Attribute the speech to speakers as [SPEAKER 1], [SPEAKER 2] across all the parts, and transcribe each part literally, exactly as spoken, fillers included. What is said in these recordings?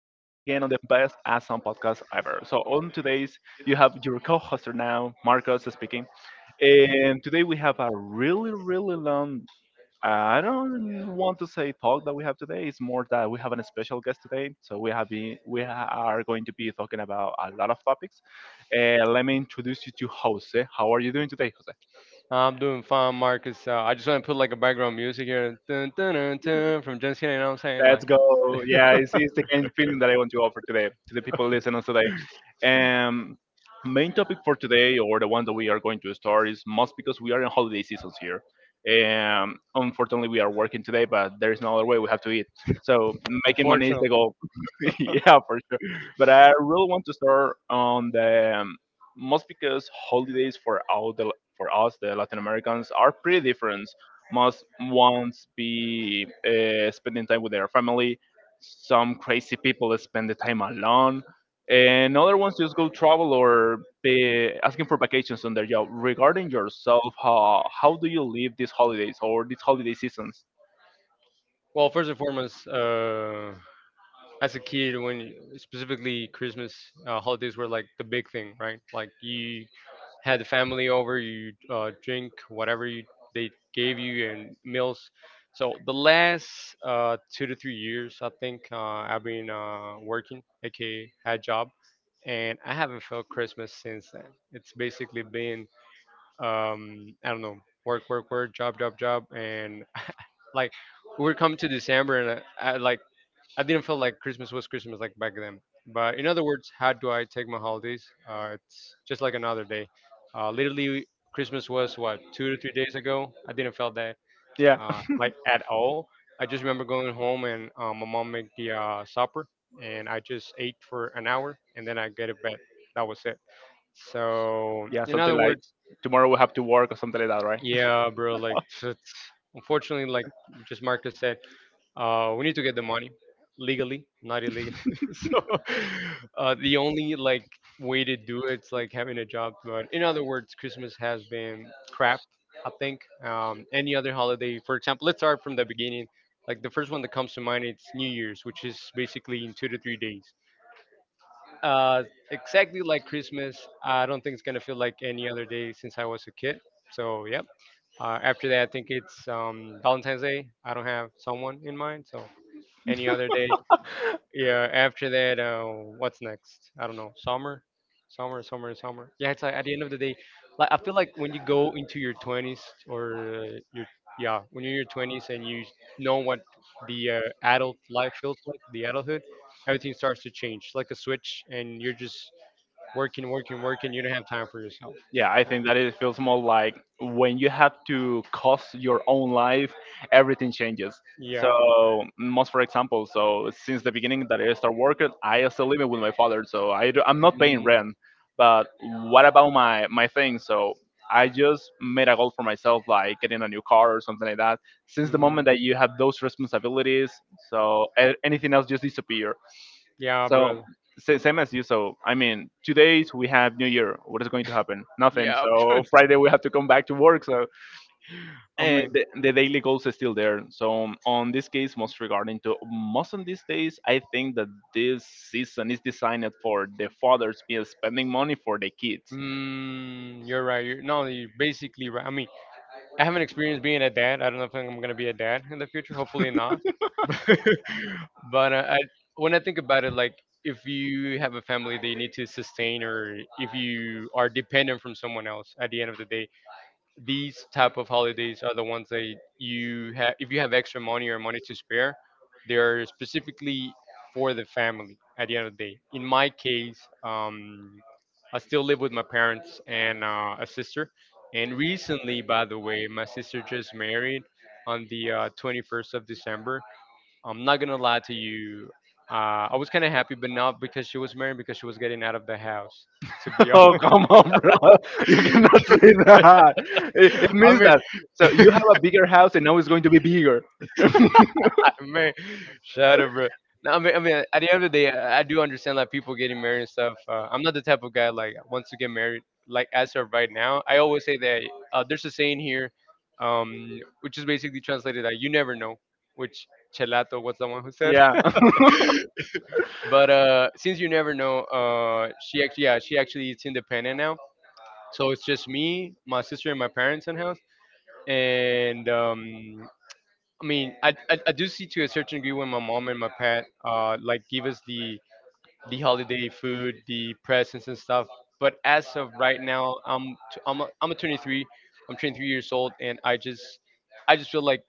[SPEAKER 1] on the best awesome podcast ever. So, on today's, you have your co hoster now, Marcos speaking. And today we have a really, really long, I don't want to say talk that we have today. It's more that we have a special guest today. So, we have been, we are going to be talking about a lot of topics. Uh, let me introduce you to Jose. How are you doing today,
[SPEAKER 2] I'm doing fine, Marcus. Uh, I just want to put like a background music here, dun, dun, dun,
[SPEAKER 1] Jose?
[SPEAKER 2] dun, from Jens Kenny. You know what I'm saying?
[SPEAKER 1] Let's
[SPEAKER 2] Like,
[SPEAKER 1] go. Yeah, it's, it's the kind of feeling that I want to offer today to the people listening today. Um, Main topic for today, or the one that we are going to start, is most because we are in holiday seasons here. Um, unfortunately, we are working today, but there is no other way. We have to eat. So making money is
[SPEAKER 2] unfortunately.
[SPEAKER 1] the goal. Yeah, for sure. But I really want to start on the um, most because holidays for all the for us, the Latin Americans, are pretty different must once be uh, spending time with their family. Some crazy people spend the time alone, and other ones just go travel or be asking for vacations on their job. Regarding yourself, how how do you live these holidays or these holiday seasons?
[SPEAKER 2] Well, first and foremost, uh, as a kid when you- specifically christmas uh, holidays were like the big thing, right? Like you had the family over, you uh, drink whatever you they gave you and meals. So the last uh, two to three years, I think uh, I've been uh, working, aka had job. And I haven't felt christmas since then. It's basically been, um, I don't know, work work work job job job and like we would come to December and I, I like I didn't feel like Christmas was Christmas like back then. But in other words, how do I take my holidays? Uh, it's just like another day. Uh, literally, Christmas was what, two to three days ago? I didn't feel that
[SPEAKER 1] Yeah,
[SPEAKER 2] uh, like at all. I just remember going home, and uh, my mom made the uh, supper, and I just ate for an hour, and then I get to bed. That was it. So
[SPEAKER 1] yeah,
[SPEAKER 2] in
[SPEAKER 1] something
[SPEAKER 2] other
[SPEAKER 1] like
[SPEAKER 2] words,
[SPEAKER 1] tomorrow we have to work or something like that, right?
[SPEAKER 2] yeah, bro. Like unfortunately, like just Marcus said, uh, we need to get the money legally, not illegally. So uh, the only like way to do it's like having a job. But in other words, Christmas has been crap. I think, um, any other holiday. For example, let's start from the beginning. Like the first one that comes to mind, it's New Year's, which is basically in two to three days. Uh, exactly like Christmas, I don't think it's gonna feel like any other day since I was a kid. So yeah. Uh, after that, I think it's, um, Valentine's Day. I don't have someone in mind, so any other day? Yeah. After that, uh, what's next? I don't know. Summer, summer, summer, summer. Yeah. It's like at the end of the day, like I feel like when you go into your twenties or uh, your yeah, when you're in your twenties and you know what the uh, adult life feels like, the adulthood, everything starts to change like a switch, and you're just working, working, working. You don't have time for yourself.
[SPEAKER 1] Yeah, I think that it feels more like when you have to cost your own life, everything changes.
[SPEAKER 2] Yeah.
[SPEAKER 1] So, most for example, so since the beginning that I start working, I still living with my father, so I do, I'm not paying
[SPEAKER 2] Mm,
[SPEAKER 1] rent. But what about my my thing? So I just made a goal for myself, like getting a new car or something like that. Since the
[SPEAKER 2] mm,
[SPEAKER 1] moment that you have those responsibilities, so a- anything else just disappear.
[SPEAKER 2] yeah,
[SPEAKER 1] So
[SPEAKER 2] brother.
[SPEAKER 1] sa- same as you. So I mean, two days we have New Year. What is going to happen? Nothing.
[SPEAKER 2] Yeah,
[SPEAKER 1] So Friday we have to come back to work. So
[SPEAKER 2] I
[SPEAKER 1] and
[SPEAKER 2] mean,
[SPEAKER 1] the, the daily goals are still there. So on this case, most regarding to most on these days, I think that this season is designed for the fathers be spending money for the kids.
[SPEAKER 2] mm, you're right. You're, no, you're basically right. I mean, I haven't experienced being a dad. I don't know if I'm gonna be a dad in the future. Hopefully not. but uh, I, when I think about it, like if you have a family that you need to sustain, or if you are dependent from someone else at the end of the day, these type of holidays are the ones that you have if you have extra money or money to spare. They're specifically for the family at the end of the day. In my case, um, I still live with my parents and uh, a sister. And recently, by the way, my sister just married on the uh, twenty-first of december. I'm not gonna lie to you, uh, I was kind of happy, but not because she was married, because she was getting out of the house, to be
[SPEAKER 1] Oh
[SPEAKER 2] honest.
[SPEAKER 1] come on, bro! You cannot say that. It, it
[SPEAKER 2] I
[SPEAKER 1] means
[SPEAKER 2] mean,
[SPEAKER 1] that. So you have a bigger house and now it's going to be bigger.
[SPEAKER 2] man, shut up, bro. No, I mean, I mean, at the end of the day, I I do understand like people getting married and stuff. Uh, I'm not the type of guy like wants to get married, like as of right now. I always say that uh, there's a saying here, um, which is basically translated that you never know, which Chelato was the one who said.
[SPEAKER 1] Yeah.
[SPEAKER 2] But uh, since you never know, uh, she actually, yeah, she actually is independent now. So it's just me, my sister, and my parents in house. And um, I mean, I, I, I do see to a certain degree when my mom and my parent uh like give us the the holiday food, the presents and stuff. But as of right now, I'm t- I'm a, I'm a twenty-three, I'm twenty-three years old, and I just I just feel like,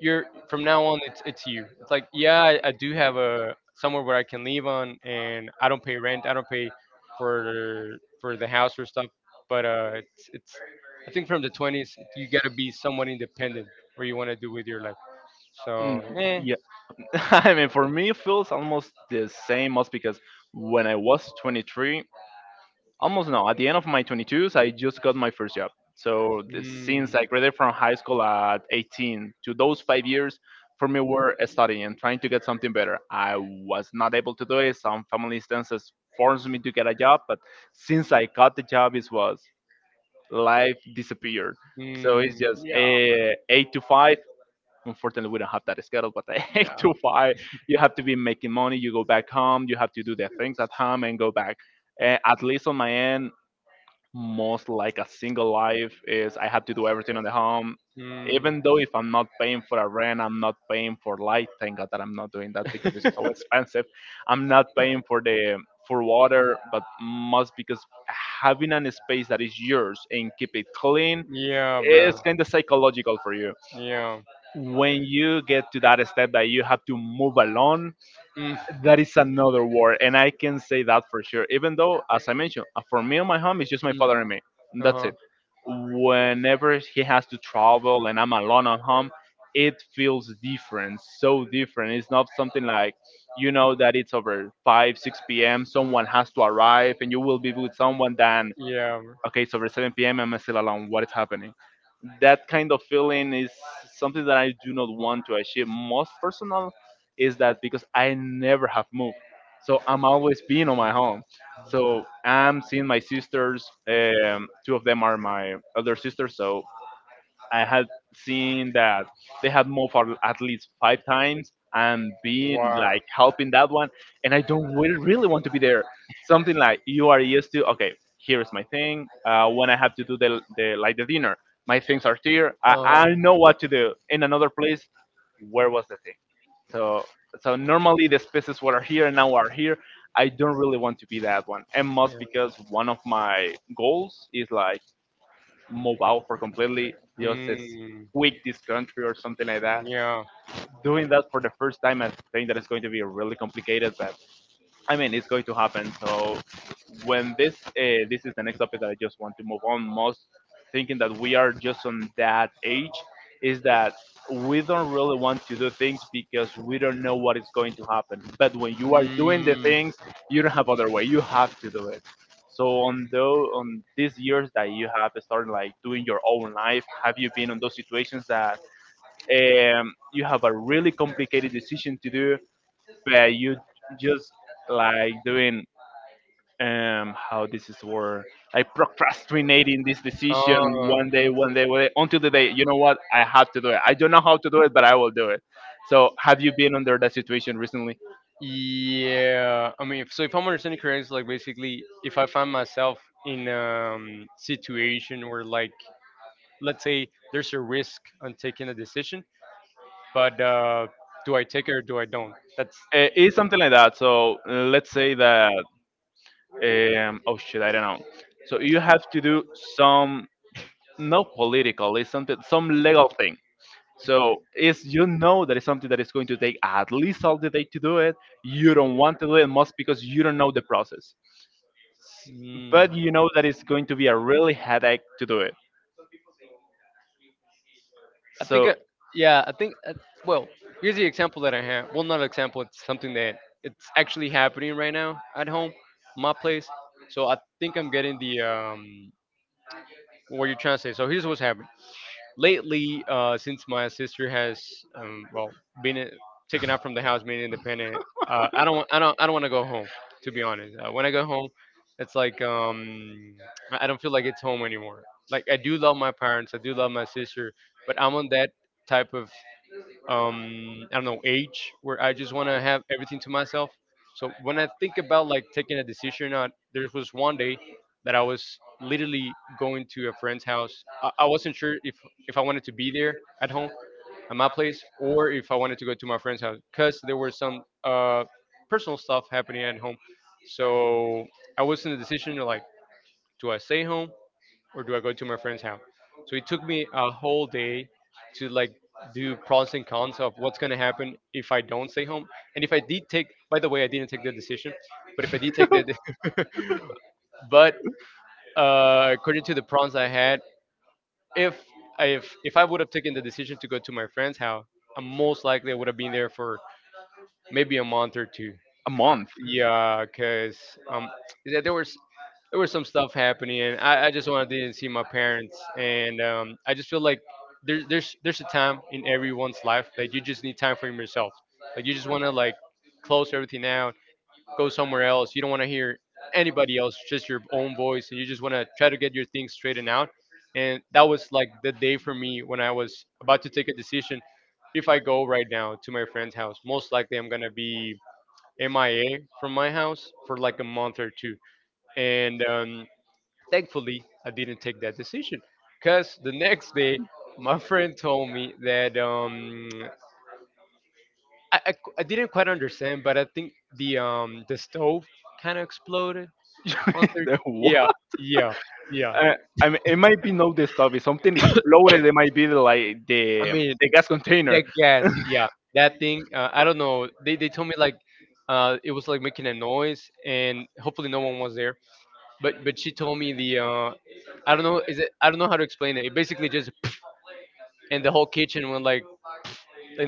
[SPEAKER 2] you're from now on, it's it's you. It's like, yeah, I, I do have a somewhere where I can live on, and I don't pay rent, I don't pay for for the house or stuff. But uh, it's it's I think from the twenties you gotta be somewhat independent where you want to do with your life.
[SPEAKER 1] Mm,
[SPEAKER 2] So, eh.
[SPEAKER 1] yeah, I mean, for me, it feels almost the same, most because when I was twenty-three, almost no, at the end of my twenty-twos, I just got my first job. So the- since
[SPEAKER 2] Mm,
[SPEAKER 1] I graduated from high school at eighteen, to those five years, for me were studying and trying to get something better. I was not able to do it. Some family instances forced me to get a job, but since I got the job, it was life disappeared. So it's
[SPEAKER 2] mm,
[SPEAKER 1] just uh, eight to five. Unfortunately, we don't have that schedule, but eight to
[SPEAKER 2] yeah.
[SPEAKER 1] five, you have to be making money. You go back home, you have to do the things at home and go back. Uh, at least on my end, most like a single life is I have to do everything on the home.
[SPEAKER 2] Mm.
[SPEAKER 1] Even though if I'm not paying for a rent, I'm not paying for light. Thank God that I'm not doing that because it's so expensive. I'm not paying for the for water, but most because having an space that is yours and keep it clean
[SPEAKER 2] Yeah,
[SPEAKER 1] is
[SPEAKER 2] bro.
[SPEAKER 1] kind of psychological for you.
[SPEAKER 2] Yeah.
[SPEAKER 1] When you get to that step that you have to move alone,
[SPEAKER 2] Mm,
[SPEAKER 1] that is another word, and I can say that for sure. Even though, as I mentioned, uh, for me and my home, it's just my
[SPEAKER 2] mm.
[SPEAKER 1] father and me. That's
[SPEAKER 2] Uh-huh.
[SPEAKER 1] it. Whenever he has to travel and I'm alone at home, it feels different, so different. It's not something like you know that it's over five, six p m. Someone has to arrive, and you will be with someone. Then
[SPEAKER 2] Yeah, bro.
[SPEAKER 1] okay, it's over seven p m. I'm still alone. What is happening? That kind of feeling is something that I do not want to achieve. Most personal is that because I never have moved, so I'm always being on my home. So I'm seeing my sisters. Um, two of them are my other sisters, so I had seen that they had moved for at least five times and been
[SPEAKER 2] Wow.
[SPEAKER 1] like helping that one, and I don't really, really want to be there. Something like you are used to. Okay, here is my thing. Uh, when I have to do the, the like the dinner, my things are here. I, I
[SPEAKER 2] Uh-huh.
[SPEAKER 1] know what to do. In another place, where was the thing? So so normally the spaces were here and now are here. I don't really want to be that one, and most
[SPEAKER 2] Yeah.
[SPEAKER 1] because one of my goals is like move out for completely just
[SPEAKER 2] Mm,
[SPEAKER 1] quit this country or something like that.
[SPEAKER 2] yeah.
[SPEAKER 1] Doing that for the first time, I think that it's going to be really complicated, but I mean, it's going to happen. So when this uh, this is the next topic that I just want to move on most, thinking that we are just on that age is that we don't really want to do things because we don't know what is going to happen. But when you are doing the
[SPEAKER 2] Mm.
[SPEAKER 1] things, you don't have other way. You have to do it. So on though on these years that you have started like doing your own life, have you been on those situations that um, you have a really complicated decision to do but you just like doing um how this is word, like procrastinating this decision
[SPEAKER 2] Oh.
[SPEAKER 1] one day one day one day until the day, you know what, I have to do it. I don't know how to do it but I will do it. So have you been under that situation recently?
[SPEAKER 2] Yeah, I mean, if- so if I'm understanding correctly, like basically, if I find myself in um situation where like, let's say there's a risk on taking a decision, but uh, do I take it or do I don't? That's,
[SPEAKER 1] Uh, it's something like that. So uh, let's say that um oh shit, I don't know. So you have to do some not political, it's something, some legal thing. So is, you know, that is something that is going to take at least all the day to do it. You don't want to do it most because you don't know the process. S-
[SPEAKER 2] mm,
[SPEAKER 1] But you know that it's going to be a really headache to do it.
[SPEAKER 2] I think,
[SPEAKER 1] So
[SPEAKER 2] uh, yeah, I think, uh, well, here's the example that I have. Well, not an example, it's something that it's actually happening right now at home, my place. So I think I'm getting the, um, what you're trying to say. So here's what's happening lately. Uh, since my sister has um, well been i- taken out from the house, being independent, uh, I don't want I don't I don't want to go home. To be honest, uh, when I go home, it's like, um, I I don't feel like it's home anymore. Like I do love my parents, I do love my sister, but I'm on that type of, um I don't know age where I just want to have everything to myself. So when I think about like taking a decision or not, there was one day that I was literally going to a friend's house. i, I wasn't sure if, if I wanted to be there at home at my place, or if I wanted to go to my friend's house, because there were some uh personal stuff happening at home. So I was in the decision to like, do I stay home or do I go to my friend's house? So it took me a whole day to like do pros and cons of what's gonna happen if I don't stay home. And if I did take, by the way, I didn't take the decision, but if I did take that, but uh, according to the pros I had, if, if if I would have taken the decision to go to my friend's house, I most likely would have been there for maybe a month or two.
[SPEAKER 1] month.
[SPEAKER 2] Yeah, cause um, yeah, there was, there was some stuff happening, and I, I just wanted to see my parents, and um, I just feel like there's there's there's a time in everyone's life that you just need time for yourself. Like you just want to like close everything out, go somewhere else. You don't want to hear anybody else, just your own voice, and you just want to try to get your things straightened out. And that was like the day for me when I was about to take a decision. If I go right now to my friend's house, most likely I'm gonna be M I A from my house for like a month or two. And um, thankfully, I didn't take that decision, because the next day, my friend told me that, um, I, I, I didn't quite understand, but I think the, um, the stove kind of exploded on their.
[SPEAKER 1] The
[SPEAKER 2] Yeah,
[SPEAKER 1] what?
[SPEAKER 2] yeah, yeah.
[SPEAKER 1] Uh, I mean, it might be not the stuff. If something exploded, it might be the, like
[SPEAKER 2] I
[SPEAKER 1] the
[SPEAKER 2] mean,
[SPEAKER 1] the gas container.
[SPEAKER 2] that gas, yeah, that thing. Uh, I don't know. They, they told me like, uh, it was like making a noise, and hopefully no one was there. but but she told me the, uh, I don't know, is it, I don't know how to explain it. It basically just, and the whole kitchen went like,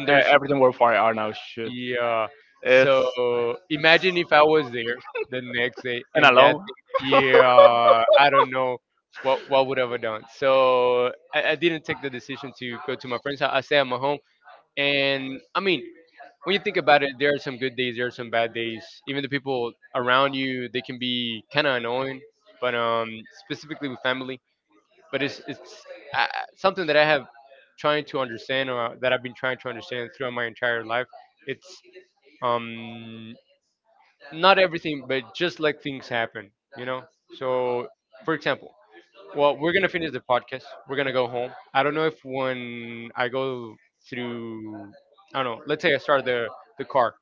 [SPEAKER 1] Uh,
[SPEAKER 2] there's,
[SPEAKER 1] everything were fire are now shoot.
[SPEAKER 2] yeah.
[SPEAKER 1] It's
[SPEAKER 2] So imagine if I was there the next day,
[SPEAKER 1] and
[SPEAKER 2] and that,
[SPEAKER 1] alone.
[SPEAKER 2] yeah, I don't know what what would I have done. So I, I didn't take the decision to go to my friend's house. I stay at my home, and I mean. When you think about it, there are some good days, there are some bad days. Even the people around you, they can be kind of annoying. But um, specifically with family, but it's it's uh, something that I have trying to understand, or that I've been trying to understand throughout my entire life. It's, um not everything, but just let things happen, you know. So, for example, well, we're gonna finish the podcast. We're gonna go home. I don't know if when I go through, I don't know. Let's say I start the the car.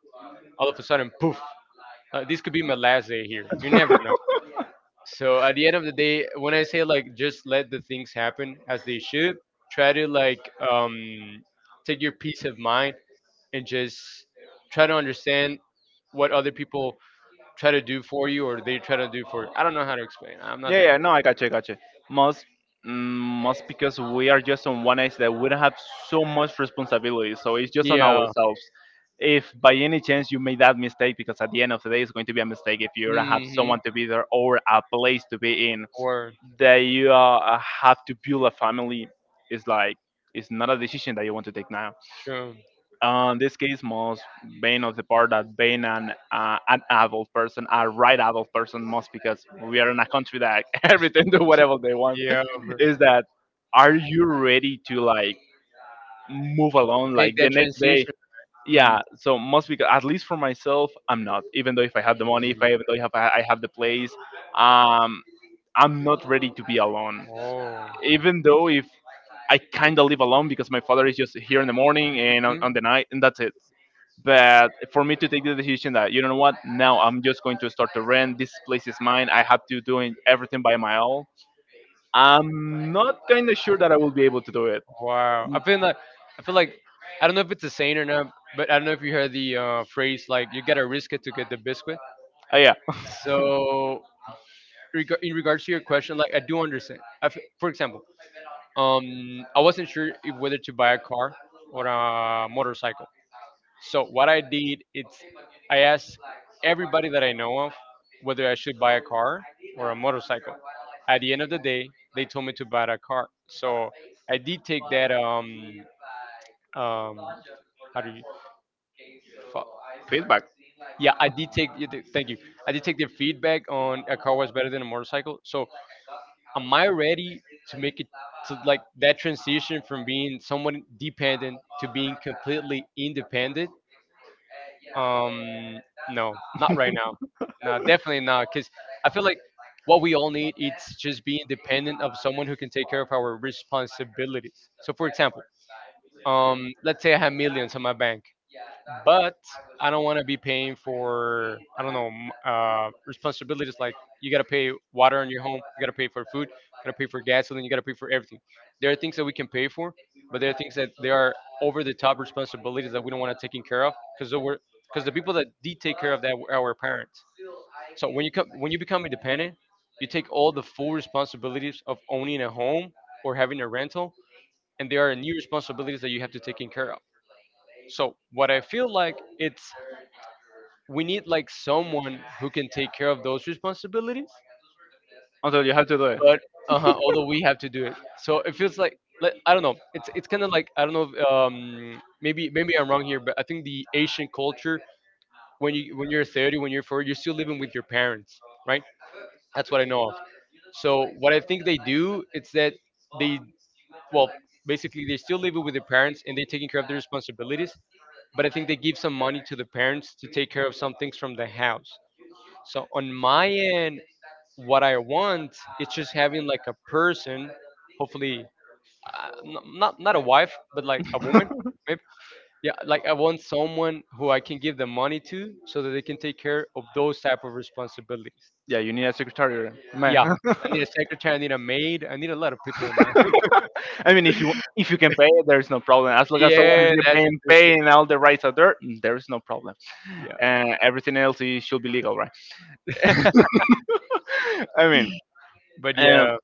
[SPEAKER 2] All of a sudden, poof! Uh, this could be my last day here. You never know, so at the end of the day, when I say like just let the things happen as they should, try to like um, take your peace of mind and just try to understand what other people try to do for you or they try to do for. I don't know how to explain. I'm not
[SPEAKER 1] Yeah,
[SPEAKER 2] that
[SPEAKER 1] yeah,
[SPEAKER 2] good.
[SPEAKER 1] no, I got you, I got you. Most, mm, most because we are just on one edge that we don't have so much responsibility, so it's just on
[SPEAKER 2] Yeah.
[SPEAKER 1] ourselves. If by any chance you made that mistake, because at the end of the day it's going to be a mistake if you don't have
[SPEAKER 2] Mm-hmm.
[SPEAKER 1] someone to be there or a place to be in,
[SPEAKER 2] Or
[SPEAKER 1] that you uh, have to build a family is like it's not a decision that you want to take now.
[SPEAKER 2] true.
[SPEAKER 1] Uh, in this case, must being of the part that being an uh, an adult person, a right adult person, must because we are in a country that everything do whatever they want.
[SPEAKER 2] Yeah. Bro.
[SPEAKER 1] Is that are you ready to like move along
[SPEAKER 2] Make
[SPEAKER 1] like the
[SPEAKER 2] that
[SPEAKER 1] next day?
[SPEAKER 2] transition. Mm.
[SPEAKER 1] Yeah, so must because at least for myself, I'm not. Even though if I have the
[SPEAKER 2] Mm.
[SPEAKER 1] money, if I even though if I, I have the place, um, I'm not ready to be alone.
[SPEAKER 2] Oh.
[SPEAKER 1] Even though if I kind of live alone because my father is just here in the morning and on, on the night, and that's it, but for me to take the decision that you know what now I'm just going to start to rent this place is mine I have to doing everything by my own, I'm not kind of sure that I will be able to do it.
[SPEAKER 2] Wow. I feel like I feel like I don't know if it's a saying or not, but I don't know if you heard the uh, phrase like you gotta risk it to get the biscuit.
[SPEAKER 1] Oh yeah.
[SPEAKER 2] So reg- in regards to your question, like I do understand. I f- for example, um, I wasn't sure if whether to buy a car or a motorcycle. So what I did, it's I asked everybody that I know of whether I should buy a car or a motorcycle. At the end of the day, they told me to buy a car. So I did take that um, um, how do you fa-
[SPEAKER 1] Feedback.
[SPEAKER 2] yeah, I did take, you did- thank you. I did take their feedback on a car was better than a motorcycle. So am I ready to make it to like that transition from being someone dependent to being completely independent? um no, not right now. No, definitely not, because I feel like what we all need is just being dependent of someone who can take care of our responsibilities. So for example, um let's say I have millions on my bank, but I don't want to be paying for I don't know m- uh, responsibilities like you got to pay water in your home, you got to pay for food, you got to pay for gasoline, you got to pay for everything. There are things that we can pay for, but there are things that there are over the top responsibilities that we don't want to take care of, because because the people that did take care of that were our parents. So when you come when you become independent, you take all the full responsibilities of owning a home or having a rental, and there are new responsibilities that you have to take in care of. So what I feel like it's we need like someone who can take care of those responsibilities,
[SPEAKER 1] Also you have to do it.
[SPEAKER 2] but uh-huh, although we have to do it. So it feels like like, I don't know. It's it's kind of like I don't know. If, um, maybe maybe I'm wrong here, but I think the Asian culture, when you when you're thirty, when you're forty, you're still living with your parents, right? That's what I know of. So what I think they do is that they well basically they still live with their parents and they're taking care of their responsibilities, but I think they give some money to the parents to take care of some things from the house. So on my end, what I want is just having like a person, hopefully, uh, n- not not a wife, but like a woman, maybe. Yeah, like I want someone who I can give the money to, so that they can take care of those type of responsibilities.
[SPEAKER 1] Yeah you need a secretary, man.
[SPEAKER 2] Yeah, I need a secretary, I need a maid, I need a lot of people in my.
[SPEAKER 1] I mean, if you if you can pay it, there's no problem. As long as someone
[SPEAKER 2] Yeah,
[SPEAKER 1] is
[SPEAKER 2] that's it.
[SPEAKER 1] paying paying all the rights are there, mm, there is no problem.
[SPEAKER 2] Yeah,
[SPEAKER 1] Uh, everything else is, should be legal, right? I mean,
[SPEAKER 2] but
[SPEAKER 1] um,
[SPEAKER 2] yeah,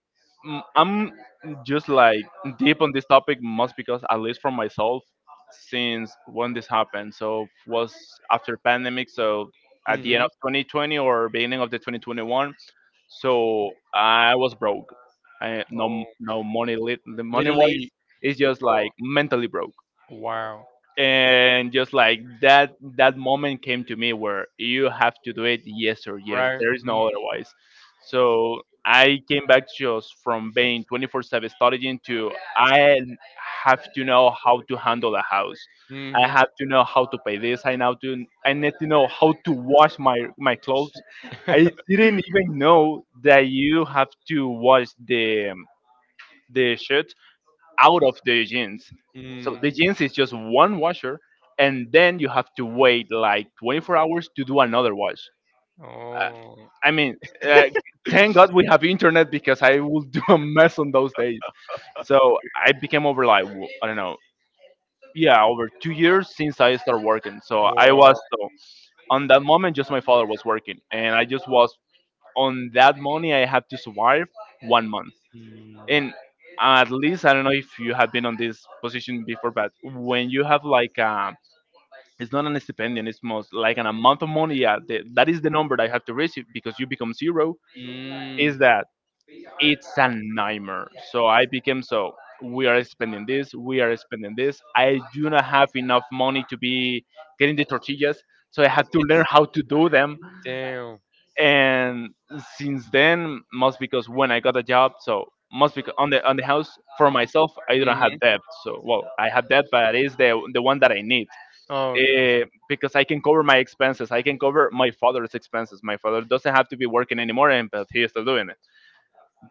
[SPEAKER 1] m- I'm just like deep on this topic, most because at least for myself, since when this happened, so was after pandemic, so at the end
[SPEAKER 2] hmm,
[SPEAKER 1] of twenty twenty or beginning of the twenty twenty-one, so I was broke. I no
[SPEAKER 2] oh,
[SPEAKER 1] no money lit the money wise.
[SPEAKER 2] literally,
[SPEAKER 1] It's just like mentally broke.
[SPEAKER 2] wow,
[SPEAKER 1] And just like that that moment came to me where you have to do it, yes or yes,
[SPEAKER 2] right?
[SPEAKER 1] there is no otherwise. So I came back just from being twenty four seven studying to, I have to know how to handle a house, I
[SPEAKER 2] Mm-hmm.
[SPEAKER 1] have to know how to pay this, I now to, I need to know how to wash my my clothes. I didn't even know that you have to wash the the shirt out of the jeans. So
[SPEAKER 2] Mm.
[SPEAKER 1] the jeans is just one washer, and then you have to wait like twenty four hours to do another wash. Uh,
[SPEAKER 2] Oh.
[SPEAKER 1] I mean, uh, thank God we have internet because I will do a mess on those days. So I became over like w- I don't know, yeah, over two years since I started working. So I
[SPEAKER 2] Wow.
[SPEAKER 1] was so on that moment, just my father was working, and I just was on that money I had to survive one month.
[SPEAKER 2] Mm.
[SPEAKER 1] And at least, I don't know if you have been on this position before, but when you have like a, it's not an stipendium, it's most like an amount of money. Yeah, the, that is the number that you have to receive because you become zero.
[SPEAKER 2] Mm.
[SPEAKER 1] Is that, it's a nightmare? So I became so, we are spending this, we are spending this. I do not have enough money to be getting the tortillas, so I had to learn how to do them.
[SPEAKER 2] Damn.
[SPEAKER 1] And since then, most because when I got a job, so most because on the on the house for myself, I don't
[SPEAKER 2] Mm-hmm.
[SPEAKER 1] have debt. So well, I have debt, but it is the the one that I need,
[SPEAKER 2] Oh.
[SPEAKER 1] uh, because I can cover my expenses, I can cover my father's expenses. My father doesn't have to be working anymore, and but he is still doing it.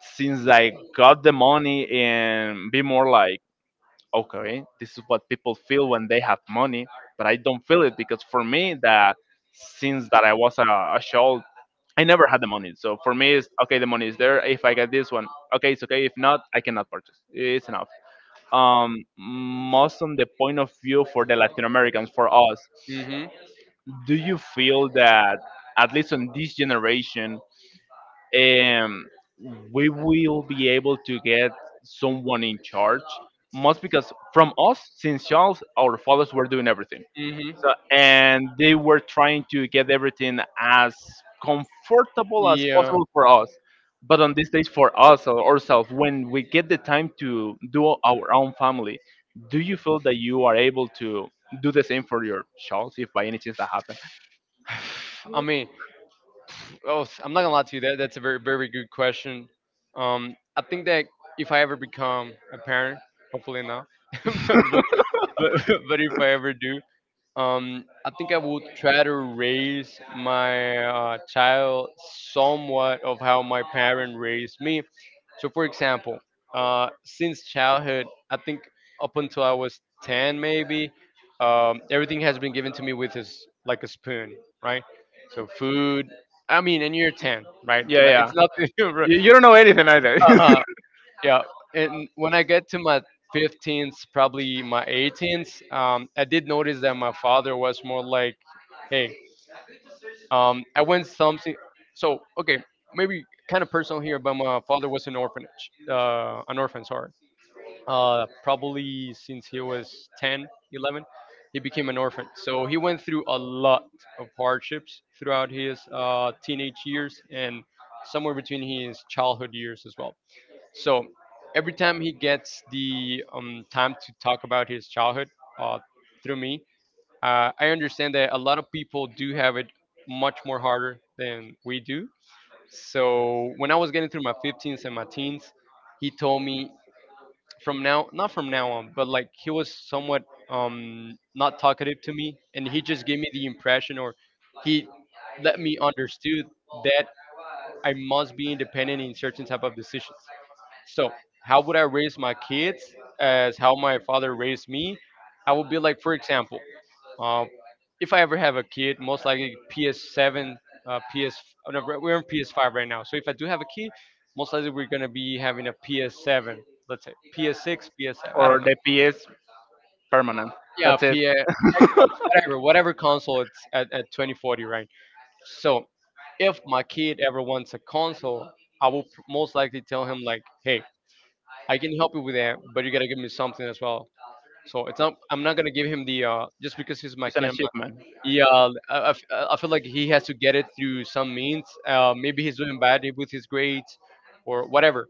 [SPEAKER 1] Since I got the money and be more like, okay, this is what people feel when they have money, but I don't feel it because for me, that since that I was a, a child, I never had the money. So for me, it's okay. The money is there. If I get this one, okay, it's okay. If not, I cannot purchase. It's enough. Um, most on the point of view for the Latin Americans, for us,
[SPEAKER 2] Mm-hmm.
[SPEAKER 1] do you feel that, at least on this generation, um, we will be able to get someone in charge? Most because from us, since Charles, our fathers were doing everything.
[SPEAKER 2] Mm-hmm.
[SPEAKER 1] So, and they were trying to get everything as comfortable as
[SPEAKER 2] Yeah.
[SPEAKER 1] possible for us. But on these days, for us or ourselves, when we get the time to do our own family, do you feel that you are able to do the same for your child, if by any chance that happened?
[SPEAKER 2] I mean, oh, s- I'm not gonna lie to you. That that's a very very good question. Um, I think that if I ever become a parent, hopefully not, but but but but if I ever do, Um, I think I would try to raise my uh, child somewhat of how my parent raised me. So, for example, uh, since childhood, I think up until I was ten, maybe, um, everything has been given to me with is like a spoon, right? So, food, I mean, and you're ten, right?
[SPEAKER 1] Yeah,
[SPEAKER 2] Like,
[SPEAKER 1] yeah.
[SPEAKER 2] it's nothing.
[SPEAKER 1] You, you don't know anything either.
[SPEAKER 2] uh, yeah. And when I get to my fifteenth, probably my eighteenth, um, I did notice that my father was more like, hey, um, I went something. So okay, maybe kind of personal here, but my father was an orphanage, uh, an orphan, sorry. Uh, probably since he was ten, eleven, he became an orphan. So he went through a lot of hardships throughout his uh, teenage years and somewhere between his childhood years as well. So every time he gets the um, time to talk about his childhood uh, through me, uh, I understand that a lot of people do have it much more harder than we do. So when I was getting through my fifteens and my teens, he told me from now, not from now on, but like he was somewhat um, not talkative to me, and he just gave me the impression, or he let me understood that I must be independent in certain type of decisions. So how would I raise my kids as how my father raised me? I would be like, for example, uh, if I ever have a kid, most likely P S seven, uh, P S. oh, no, we're on P S five right now. So if I do have a kid, most likely we're gonna be having a P S seven. Let's say P S six, P S seven. I
[SPEAKER 1] Or
[SPEAKER 2] don't know.
[SPEAKER 1] the P S permanent.
[SPEAKER 2] Yeah,
[SPEAKER 1] That's it.
[SPEAKER 2] P S, Xbox, whatever, whatever console it's at, at twenty forty, right? So if my kid ever wants a console, I will pr- most likely tell him like, hey, I can help you with that, but you gotta give me something as well. So it's not. I'm not gonna give him the uh, just because he's my
[SPEAKER 1] It's an
[SPEAKER 2] kid. I'm not—
[SPEAKER 1] achievement.
[SPEAKER 2] yeah, I, I f- I feel like he has to get it through some means. Uh, maybe he's doing bad with his grades, or whatever.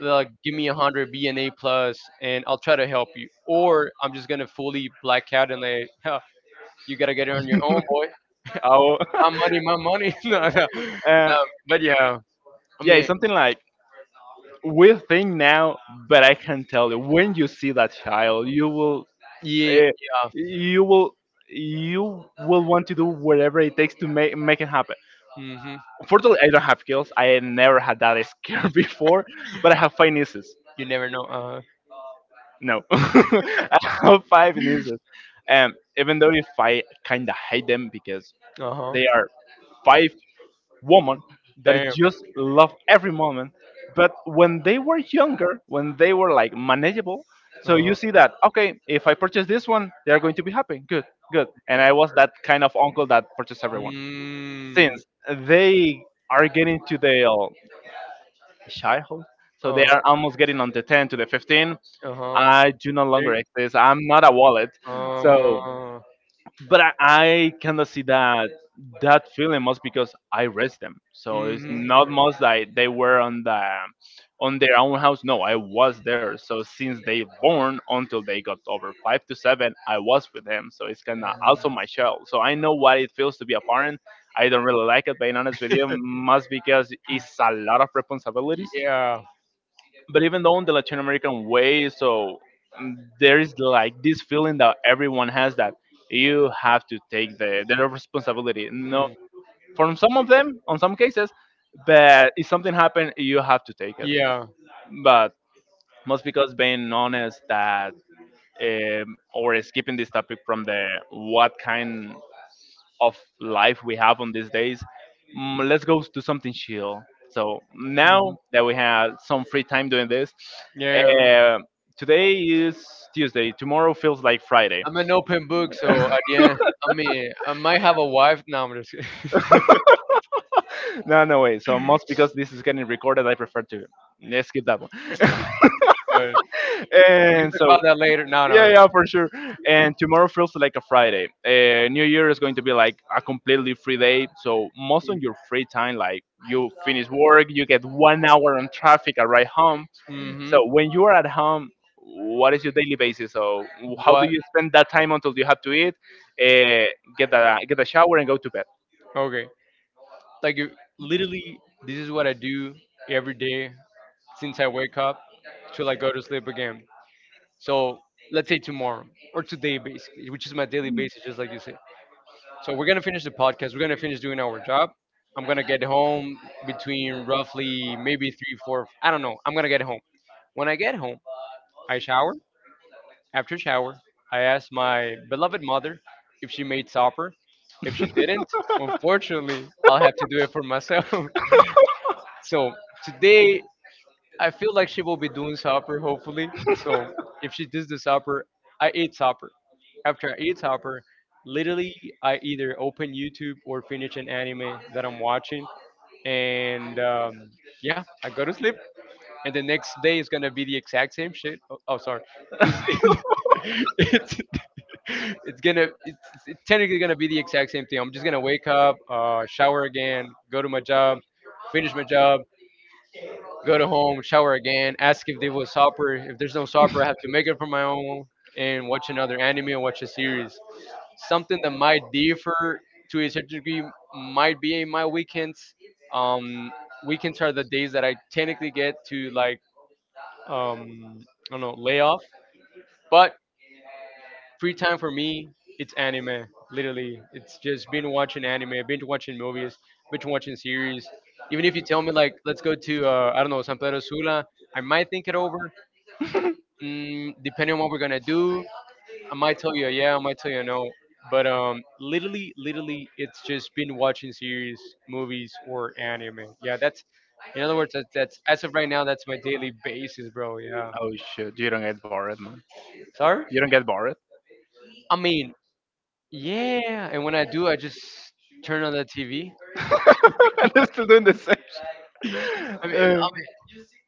[SPEAKER 2] Like, give me a hundred, be an A plus, and I'll try to help you. Or I'm just gonna fully black out and like, huh, you gotta get it on your own, boy.
[SPEAKER 1] Oh,
[SPEAKER 2] My money, my money. No, no, no.
[SPEAKER 1] uh,
[SPEAKER 2] But yeah, I
[SPEAKER 1] yeah, it's
[SPEAKER 2] mean,
[SPEAKER 1] something like we think now, but I can tell you when you see that child, you will,
[SPEAKER 2] yeah,
[SPEAKER 1] uh,
[SPEAKER 2] yeah.
[SPEAKER 1] you will, you will want to do whatever it takes to make make it happen.
[SPEAKER 2] Hmm.
[SPEAKER 1] Fortunately, I don't have heels. I never had that scare before, but I have five nieces.
[SPEAKER 2] You never know. Uh,
[SPEAKER 1] No, I have five nieces, and even though if I kind of hate them because
[SPEAKER 2] uh huh.
[SPEAKER 1] they are five women that
[SPEAKER 2] Damn.
[SPEAKER 1] just love every moment. But when they were younger, when they were like manageable, so
[SPEAKER 2] Uh-huh.
[SPEAKER 1] you see that, okay, if I purchase this one, they are going to be happy. Good, good. And I was that kind of uncle that purchased everyone.
[SPEAKER 2] Mm.
[SPEAKER 1] Since they are getting to their childhood, so they
[SPEAKER 2] Uh
[SPEAKER 1] are
[SPEAKER 2] huh.
[SPEAKER 1] almost getting on the ten to the fifteen,
[SPEAKER 2] Uh huh.
[SPEAKER 1] I do no
[SPEAKER 2] There.
[SPEAKER 1] longer exist. I'm not a wallet. So
[SPEAKER 2] Uh.
[SPEAKER 1] but I, I kind of see that that feeling was because I raised them. So it's
[SPEAKER 2] Mhm. Mm,
[SPEAKER 1] not much like they were on the on their own house. No, I was there. So since they born until they got over five to seven, I was with them. So it's kind of also my child. So I know what it feels to be a parent. I don't really like it, being honest with you, must because it's a lot of responsibilities.
[SPEAKER 2] yeah.
[SPEAKER 1] But even though, in the Latin American way, so mm, there is like this feeling that everyone has that you have to take the, the responsibility. No,
[SPEAKER 2] Mm.
[SPEAKER 1] from some of them, on some cases, but if something happened, you have to take it.
[SPEAKER 2] Yeah.
[SPEAKER 1] But most because being honest that um, or skipping this topic from the what kind of life we have on these days, mm, let's go do something chill. So
[SPEAKER 2] Mhm.
[SPEAKER 1] now that we had some free time doing this,
[SPEAKER 2] Yeah.
[SPEAKER 1] uh, today is Tuesday. Tomorrow feels like Friday.
[SPEAKER 2] I'm an open book, so at the end, I mean, I might have a wife. No, I'm just kidding.
[SPEAKER 1] No, no way. So most because this is getting recorded, I prefer to, let's skip that one.
[SPEAKER 2] But we can
[SPEAKER 1] And
[SPEAKER 2] talk about
[SPEAKER 1] so
[SPEAKER 2] that later. No, no,
[SPEAKER 1] yeah,
[SPEAKER 2] no.
[SPEAKER 1] yeah, for sure. And tomorrow feels like a Friday. Uh, New Year is going to be like a completely free day. So most of your free time, like you finish work, you get one hour on traffic, arrive home. So
[SPEAKER 2] Mm-hmm.
[SPEAKER 1] when you are at home, what is your daily basis? So how do
[SPEAKER 2] What?
[SPEAKER 1] you spend that time until you have to eat, uh, get a get a shower, and go to bed?
[SPEAKER 2] Okay. Like, you- literally, this is what I do every day since I wake up till I go to sleep again. So let's say tomorrow or today, basically, which is my daily basis, just like you said. So we're gonna finish the podcast. We're gonna finish doing our job. I'm gonna get home between roughly maybe three, four. I don't know. I'm gonna get home. When I get home, I shower. After shower, I ask my beloved mother if she made supper. If she didn't, unfortunately, I'll have to do it for myself. So today, I feel like she will be doing supper, hopefully. So if she does the supper, I ate supper. After I eat supper, literally I either open YouTube or finish an anime that I'm watching, and um, yeah, I go to sleep. And the next day is gonna be the exact same shit. Oh, oh sorry, it's, it's, it's gonna it's, it's technically gonna be the exact same thing. I'm just gonna wake up, uh, shower again, go to my job, finish my job, go to home, shower again, ask if there was supper. If there's no supper, I have to make it for my own and watch another anime or watch a series. Something that might differ to a certain degree might be in my weekends. Um, Weekends are the days that I technically get to like um, I don't know lay off, but free time for me, it's anime. Literally, it's just been watching anime, binge watching movies, binge watching series. Even if you tell me like, let's go to uh, I don't know San Pedro Sula, I might think it over. Mm, depending on what we're gonna do, I might tell you a yeah, I might tell you a no. But um, literally, literally, it's just been watching series, movies, or anime. Yeah, that's in other words, that's, that's as of right now, that's my daily basis, bro. Yeah.
[SPEAKER 1] Oh shoot, you don't get bored, man.
[SPEAKER 2] Sorry.
[SPEAKER 1] You don't get bored.
[SPEAKER 2] I mean, yeah, and when I do, I just turn on the T V.
[SPEAKER 1] And they're still doing the same
[SPEAKER 2] I mean,
[SPEAKER 1] shit.
[SPEAKER 2] um,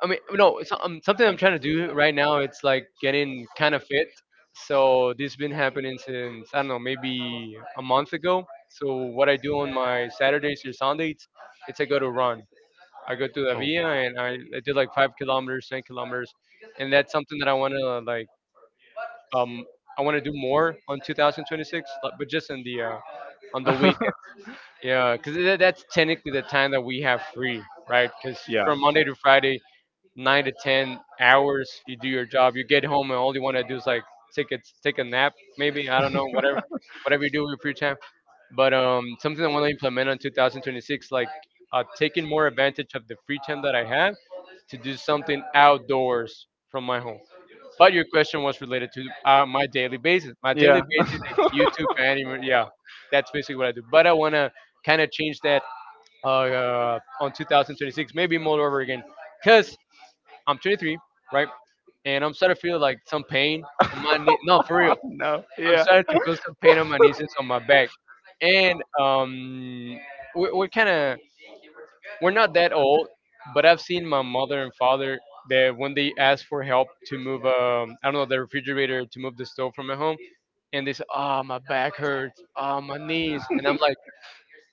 [SPEAKER 2] I mean, no. So, um, something I'm trying to do right now. It's like getting kind of fit. So this has been happening since I don't know, maybe a month ago. So what I do on my Saturdays or Sundays, it's I go to run. I go to the
[SPEAKER 1] Uh,
[SPEAKER 2] via and I, I did like five kilometers, ten kilometers, and that's something that I want to like um I want to do more on two thousand twenty-six, but but just in the uh, on the weekends. Yeah, because that's technically the time that we have free, right? Because from Monday to Friday, nine to ten hours, you do your job. You get home and all you want to do is like take a take a nap, maybe I don't know, whatever, whatever you do with your free time. But um, Something I want to implement on twenty twenty-six, like uh, taking more advantage of the free time that I have to do something outdoors from my home. But your question was related to uh, my daily basis. My daily basis is YouTube and anime. Yeah, that's basically what I do. But I want to kind of change that uh, uh, on twenty twenty-six, maybe more over again, because I'm twenty-three, right? And I'm starting to feel like some pain on my knee. No, for real.
[SPEAKER 1] no.
[SPEAKER 2] I'm
[SPEAKER 1] Yeah.
[SPEAKER 2] starting to feel some pain on my knees and on my back. And um, we, we're kind of we're not that old, but I've seen my mother and father that when they ask for help to move, um, I don't know, the refrigerator to move the stove from my home, and they say, "Oh, my back hurts. Oh, my knees," and I'm like,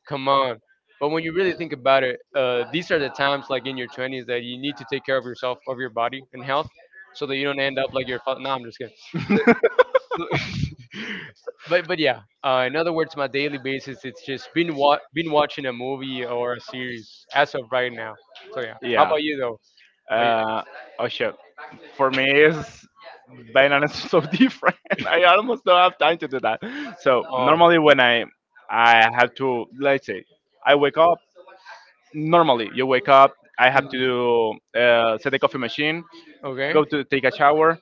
[SPEAKER 2] "Come on." But when you really think about it, uh, these are the times, like in your twenties, that you need to take care of yourself, of your body and health, so that you don't end up like your. fa- No, I'm just kidding, but but yeah, uh, in other words, my daily basis it's just been wa- been watching a movie or a series as of right now. So yeah, how
[SPEAKER 1] Yeah.
[SPEAKER 2] about you though? What you?
[SPEAKER 1] Uh, oh shit. For me, it's bananas, so different. I almost don't have time to do that. So
[SPEAKER 2] Oh,
[SPEAKER 1] normally, when I I have to, let's say, I wake up. Normally, you wake up. I have to
[SPEAKER 2] mm,
[SPEAKER 1] do, uh, set the coffee machine,
[SPEAKER 2] okay,
[SPEAKER 1] go to take a shower,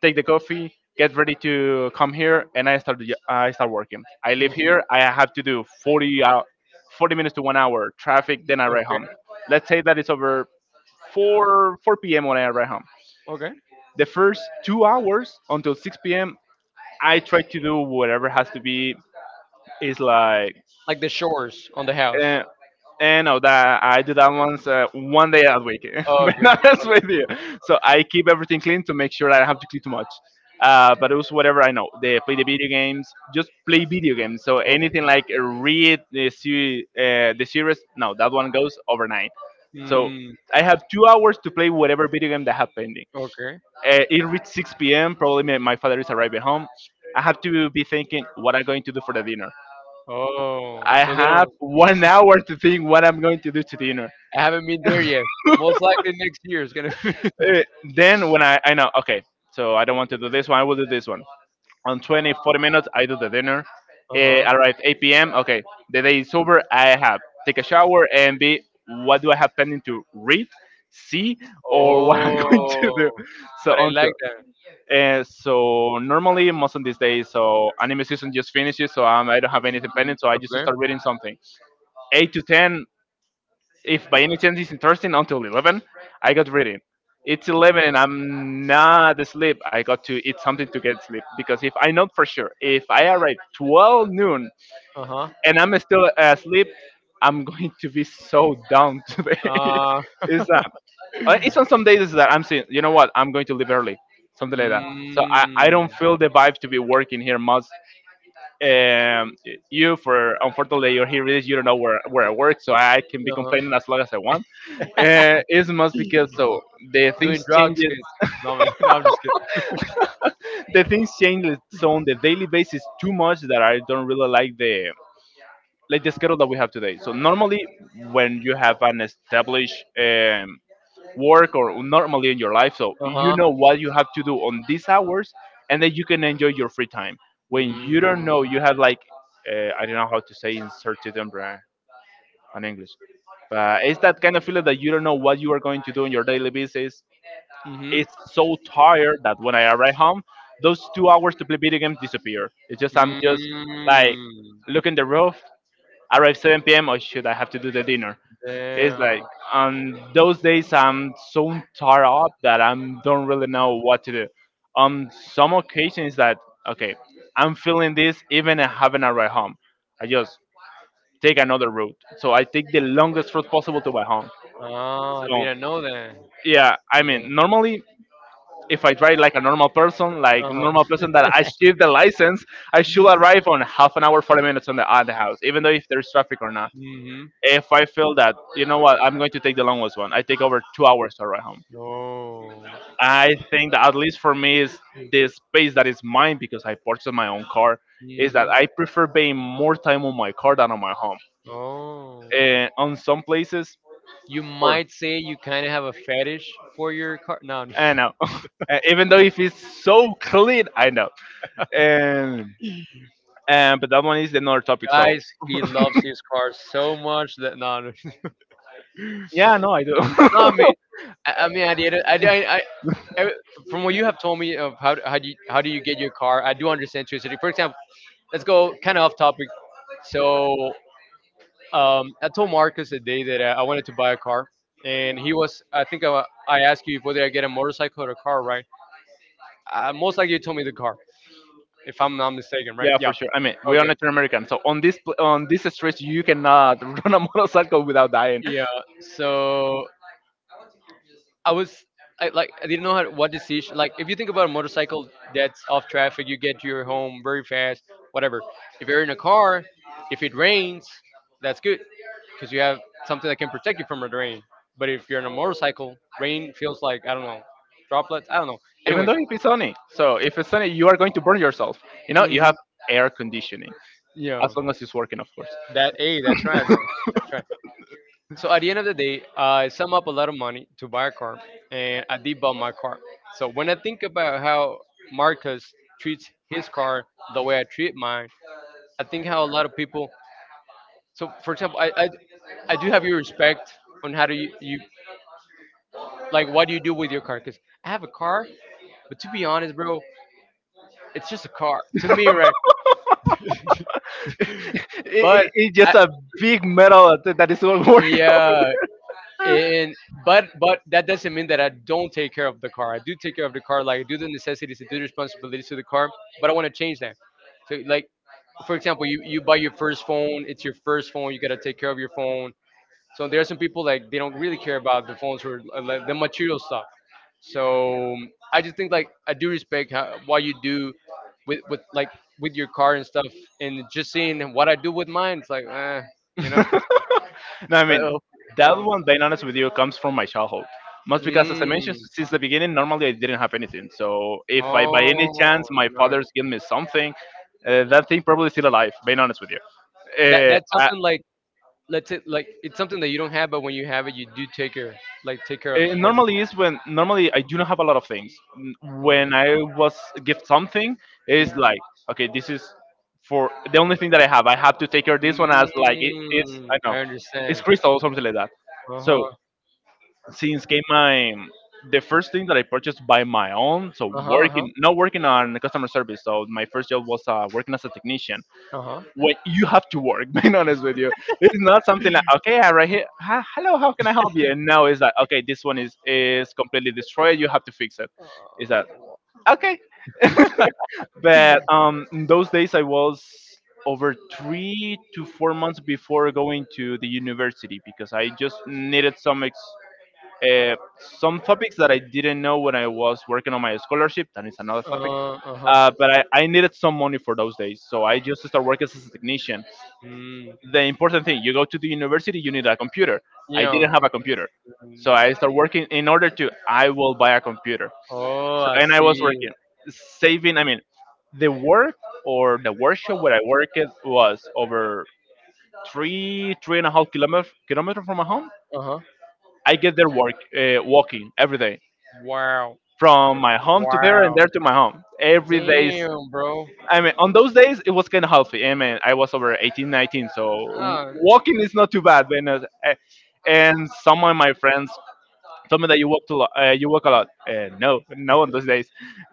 [SPEAKER 1] take the coffee, get ready to come here, and I start the- I start working. I
[SPEAKER 2] mhm,
[SPEAKER 1] live here. I have to do forty hour, forty minutes to one hour traffic. Then I ride
[SPEAKER 2] okay,
[SPEAKER 1] home. Let's say that it's over four four p m when I arrive home.
[SPEAKER 2] okay.
[SPEAKER 1] The first two hours until six p m, I try to do whatever has to be. Is like,
[SPEAKER 2] Like the shores on the house.
[SPEAKER 1] uh, and know that I do that once uh, one day a week. But
[SPEAKER 2] Okay, okay,
[SPEAKER 1] not that's with you. So I keep everything clean to make sure I don't have to clean too much. Uh, but it was whatever I know. They play the video games, just play video games. So anything like read the series, uh, the series, no, that one goes overnight. So
[SPEAKER 2] mm,
[SPEAKER 1] I have two hours to play whatever video game that I have pending.
[SPEAKER 2] okay.
[SPEAKER 1] Uh, it reached six p m. Probably my, my father is arriving home. I have to be thinking what I'm going to do for the dinner.
[SPEAKER 2] Oh,
[SPEAKER 1] I
[SPEAKER 2] so they
[SPEAKER 1] have
[SPEAKER 2] don't.
[SPEAKER 1] one hour to think what I'm going to do to dinner.
[SPEAKER 2] I haven't been there yet, but most likely next year is gonna be.
[SPEAKER 1] Uh, then when I, I know, okay, so I don't want to do this one, I will do this one. On twenty, forty minutes, I do the dinner.
[SPEAKER 2] Uh
[SPEAKER 1] Uh,
[SPEAKER 2] huh.
[SPEAKER 1] arrive eight p m. Okay, the day is over. I have take a shower and be, what do I have pending to read, see, or what I'm going to do.
[SPEAKER 2] Oh,
[SPEAKER 1] So
[SPEAKER 2] but I like
[SPEAKER 1] until,
[SPEAKER 2] that.
[SPEAKER 1] and so normally most of these days, so anime season just finishes, so um, I don't have
[SPEAKER 2] Mhm.
[SPEAKER 1] anything pending, so I just
[SPEAKER 2] Okay.
[SPEAKER 1] start reading something. Eight to ten, if by any chance it's interesting, until eleven, I got reading. It's eleven and I'm not asleep. I got to eat something to get sleep because if I know for sure, if I arrive twelve noon
[SPEAKER 2] Uh huh.
[SPEAKER 1] and I'm still asleep, I'm going to be so down today.
[SPEAKER 2] Uh,
[SPEAKER 1] It's that. Uh, It's on some days that I'm saying, you know what, I'm going to leave early, something like that. So I, I don't
[SPEAKER 2] mm,
[SPEAKER 1] feel the vibe to be working here much. Um, you for unfortunately you're here is you don't know where where I work, so I can be
[SPEAKER 2] uh,
[SPEAKER 1] complaining as long as I want. Uh, it's much because so the
[SPEAKER 2] doing
[SPEAKER 1] things
[SPEAKER 2] drugs,
[SPEAKER 1] changes,
[SPEAKER 2] kids. No, man, no, I'm just kidding.
[SPEAKER 1] the things changes so on the daily basis too much that I don't really like the like the schedule that we have today. So normally when you have an established um, work or normally in your life. So
[SPEAKER 2] Uh
[SPEAKER 1] you
[SPEAKER 2] huh.
[SPEAKER 1] know what you have to do on these hours, and then you can enjoy your free time. When you don't
[SPEAKER 2] Mm,
[SPEAKER 1] know, you have like uh, I don't know how to say uncertainty on English, but it's that kind of feeling that you don't know what you are going to do on your daily basis.
[SPEAKER 2] mm-hmm.
[SPEAKER 1] It's so tired that when I arrive home, those two hours to play video games disappear. It's just I'm just like
[SPEAKER 2] Mm,
[SPEAKER 1] look in the roof. Arrive seven p m or should I have to do the dinner? It's like
[SPEAKER 2] damn.
[SPEAKER 1] on those days I'm so tired up that I don't really know what to do. On some occasions that, okay, I'm feeling this even I haven't arrived home. I just take another route. So I take the longest route possible to my home.
[SPEAKER 2] Ah, I
[SPEAKER 1] So
[SPEAKER 2] didn't know that.
[SPEAKER 1] yeah, I mean normally if I drive like a normal person, like
[SPEAKER 2] Uh huh.
[SPEAKER 1] normal person that I should the license, I should arrive on half an hour, forty minutes on the at the house, even though if there's traffic or not.
[SPEAKER 2] Mm-hmm.
[SPEAKER 1] If I feel that, you know what, I'm going to take the longest one. I take over two hours to arrive home.
[SPEAKER 2] Oh.
[SPEAKER 1] I think that at least for me is the space that is mine because I purchased my own car is that
[SPEAKER 2] Mm-hmm.
[SPEAKER 1] I prefer being more time on my car than on my home.
[SPEAKER 2] Oh.
[SPEAKER 1] And on some places,
[SPEAKER 2] You
[SPEAKER 1] or
[SPEAKER 2] might say you kind of have a fetish for your car. No, I'm
[SPEAKER 1] I
[SPEAKER 2] just
[SPEAKER 1] know, Uh, even though if it's so clean, I know. And and but that one is another topic. So
[SPEAKER 2] guys, he loves his car so much that no, no,
[SPEAKER 1] yeah, no, I do.
[SPEAKER 2] not me. I, I mean, I did it. I, I, I, I- from what you have told me of how how do you, how do you get your car? I do understand to a city. For example, let's go kind of off topic. So, um, I told Marcus the day that I, I wanted to buy a car, and he was. I think I, I asked you whether I get a motorcycle or a car, right? Uh, most likely, you told me the car, if I'm not mistaken, right?
[SPEAKER 1] Yeah,
[SPEAKER 2] Yeah.
[SPEAKER 1] for sure. I mean, we're
[SPEAKER 2] Okay.
[SPEAKER 1] Latin American, so on this pl- on this street you cannot run a motorcycle without dying,
[SPEAKER 2] Yeah. So I was I like I didn't know how what decision like if you think about a motorcycle that's off traffic, you get to your home very fast, whatever. If you're in a car, if it rains, that's good because you have something that can protect you from the rain. But if you're on a motorcycle, rain feels like I don't know droplets. I don't know.
[SPEAKER 1] even
[SPEAKER 2] Anyways,
[SPEAKER 1] though if it's sunny. So if it's sunny, you are going to burn yourself. You know, you
[SPEAKER 2] hmm
[SPEAKER 1] have air conditioning as
[SPEAKER 2] yeah,
[SPEAKER 1] long as it's working, of course.
[SPEAKER 2] that a that's right though. That's right. So at the end of the day, I sum up a lot of money to buy a car, and I did buy my car. So when I think about how Marcus treats his car the way I treat mine, I think how a lot of people. So for example, I I, I do have your respect on how do you, you like what do you do with your car? Because I have a car, but to be honest, bro, it's just a car to me, right?
[SPEAKER 1] it, it,
[SPEAKER 2] But
[SPEAKER 1] it's
[SPEAKER 2] I,
[SPEAKER 1] just a big metal that that is all working.
[SPEAKER 2] yeah, and but but that doesn't mean that I don't take care of the car. I do take care of the car, like I do the necessities, I do the responsibilities to the car. But I want to change that. So like for example, you you buy your first phone, it's your first phone, you gotta take care of your phone. So there are some people like they don't really care about the phones or uh, like, the material stuff. So I just think like I do respect how, what you do with with like with your car and stuff, and just seeing what I do with mine, it's like, eh, you know.
[SPEAKER 1] No, I
[SPEAKER 2] but
[SPEAKER 1] mean,
[SPEAKER 2] uh,
[SPEAKER 1] that
[SPEAKER 2] yeah.
[SPEAKER 1] one, being honest with you, comes from my childhood. Most because, as I mentioned,
[SPEAKER 2] Mm.
[SPEAKER 1] since the beginning, normally I didn't have anything. So if I, by any
[SPEAKER 2] Oh,
[SPEAKER 1] chance, my father's
[SPEAKER 2] nice.
[SPEAKER 1] give me something, uh, that thing probably still alive. Being honest with you.
[SPEAKER 2] That
[SPEAKER 1] Uh,
[SPEAKER 2] that's
[SPEAKER 1] I,
[SPEAKER 2] something like let's say like it's something like that you don't have, but when you have it, you do take care like take care of
[SPEAKER 1] it
[SPEAKER 2] what. You
[SPEAKER 1] normally is when normally I do not have a lot of things. N-
[SPEAKER 2] Oh.
[SPEAKER 1] When I was gift something, it's
[SPEAKER 2] Mm,
[SPEAKER 1] like okay, this is for the only thing that I have. I have to take care of this one as like it is. I
[SPEAKER 2] mm, I
[SPEAKER 1] know it's
[SPEAKER 2] understand.
[SPEAKER 1] crystal or something like that.
[SPEAKER 2] Uh
[SPEAKER 1] So
[SPEAKER 2] huh.
[SPEAKER 1] since came my the first thing that I purchased by my own, so
[SPEAKER 2] Uh huh. Uh huh.
[SPEAKER 1] working not working on the customer service. So my first job was uh, working as a technician. When you have to work, being honest with you, it's not something like okay, I right here, hi, hello, how can I help you? And now it's like okay, this one is is completely destroyed. You have to fix it.
[SPEAKER 2] Uh
[SPEAKER 1] Is that
[SPEAKER 2] huh.
[SPEAKER 1] okay? But um, in those days I was over three to four months before going to the university because I just needed some ex- uh, some topics that I didn't know when I was working on my scholarship, that is another topic.
[SPEAKER 2] Uh huh.
[SPEAKER 1] Uh, but I, I needed some money for those days, so I just started working as a technician.
[SPEAKER 2] Mm.
[SPEAKER 1] The important thing, you go to the university, you need a computer. I
[SPEAKER 2] Yeah.
[SPEAKER 1] didn't have a computer, so
[SPEAKER 2] Mm.
[SPEAKER 1] I started working in order to I will buy a computer.
[SPEAKER 2] Oh,
[SPEAKER 1] So
[SPEAKER 2] I
[SPEAKER 1] and I was
[SPEAKER 2] see.
[SPEAKER 1] working, saving. I mean, the work or the workshop where I worked was over three three and a half kilometer kilometer from my home.
[SPEAKER 2] Uh huh.
[SPEAKER 1] I get there work uh, walking every day,
[SPEAKER 2] Wow.
[SPEAKER 1] from my home to there and
[SPEAKER 2] Wow.
[SPEAKER 1] there to my home. Every days,
[SPEAKER 2] Damn, bro.
[SPEAKER 1] I mean, on those days it was kind of healthy. I mean, I was over eighteen, nineteen, so
[SPEAKER 2] Ah.
[SPEAKER 1] walking is not too bad. Then, uh, eh, and some of my friends told me that you walked a lot. Uh, you walk a lot. Uh, no, no, on those days.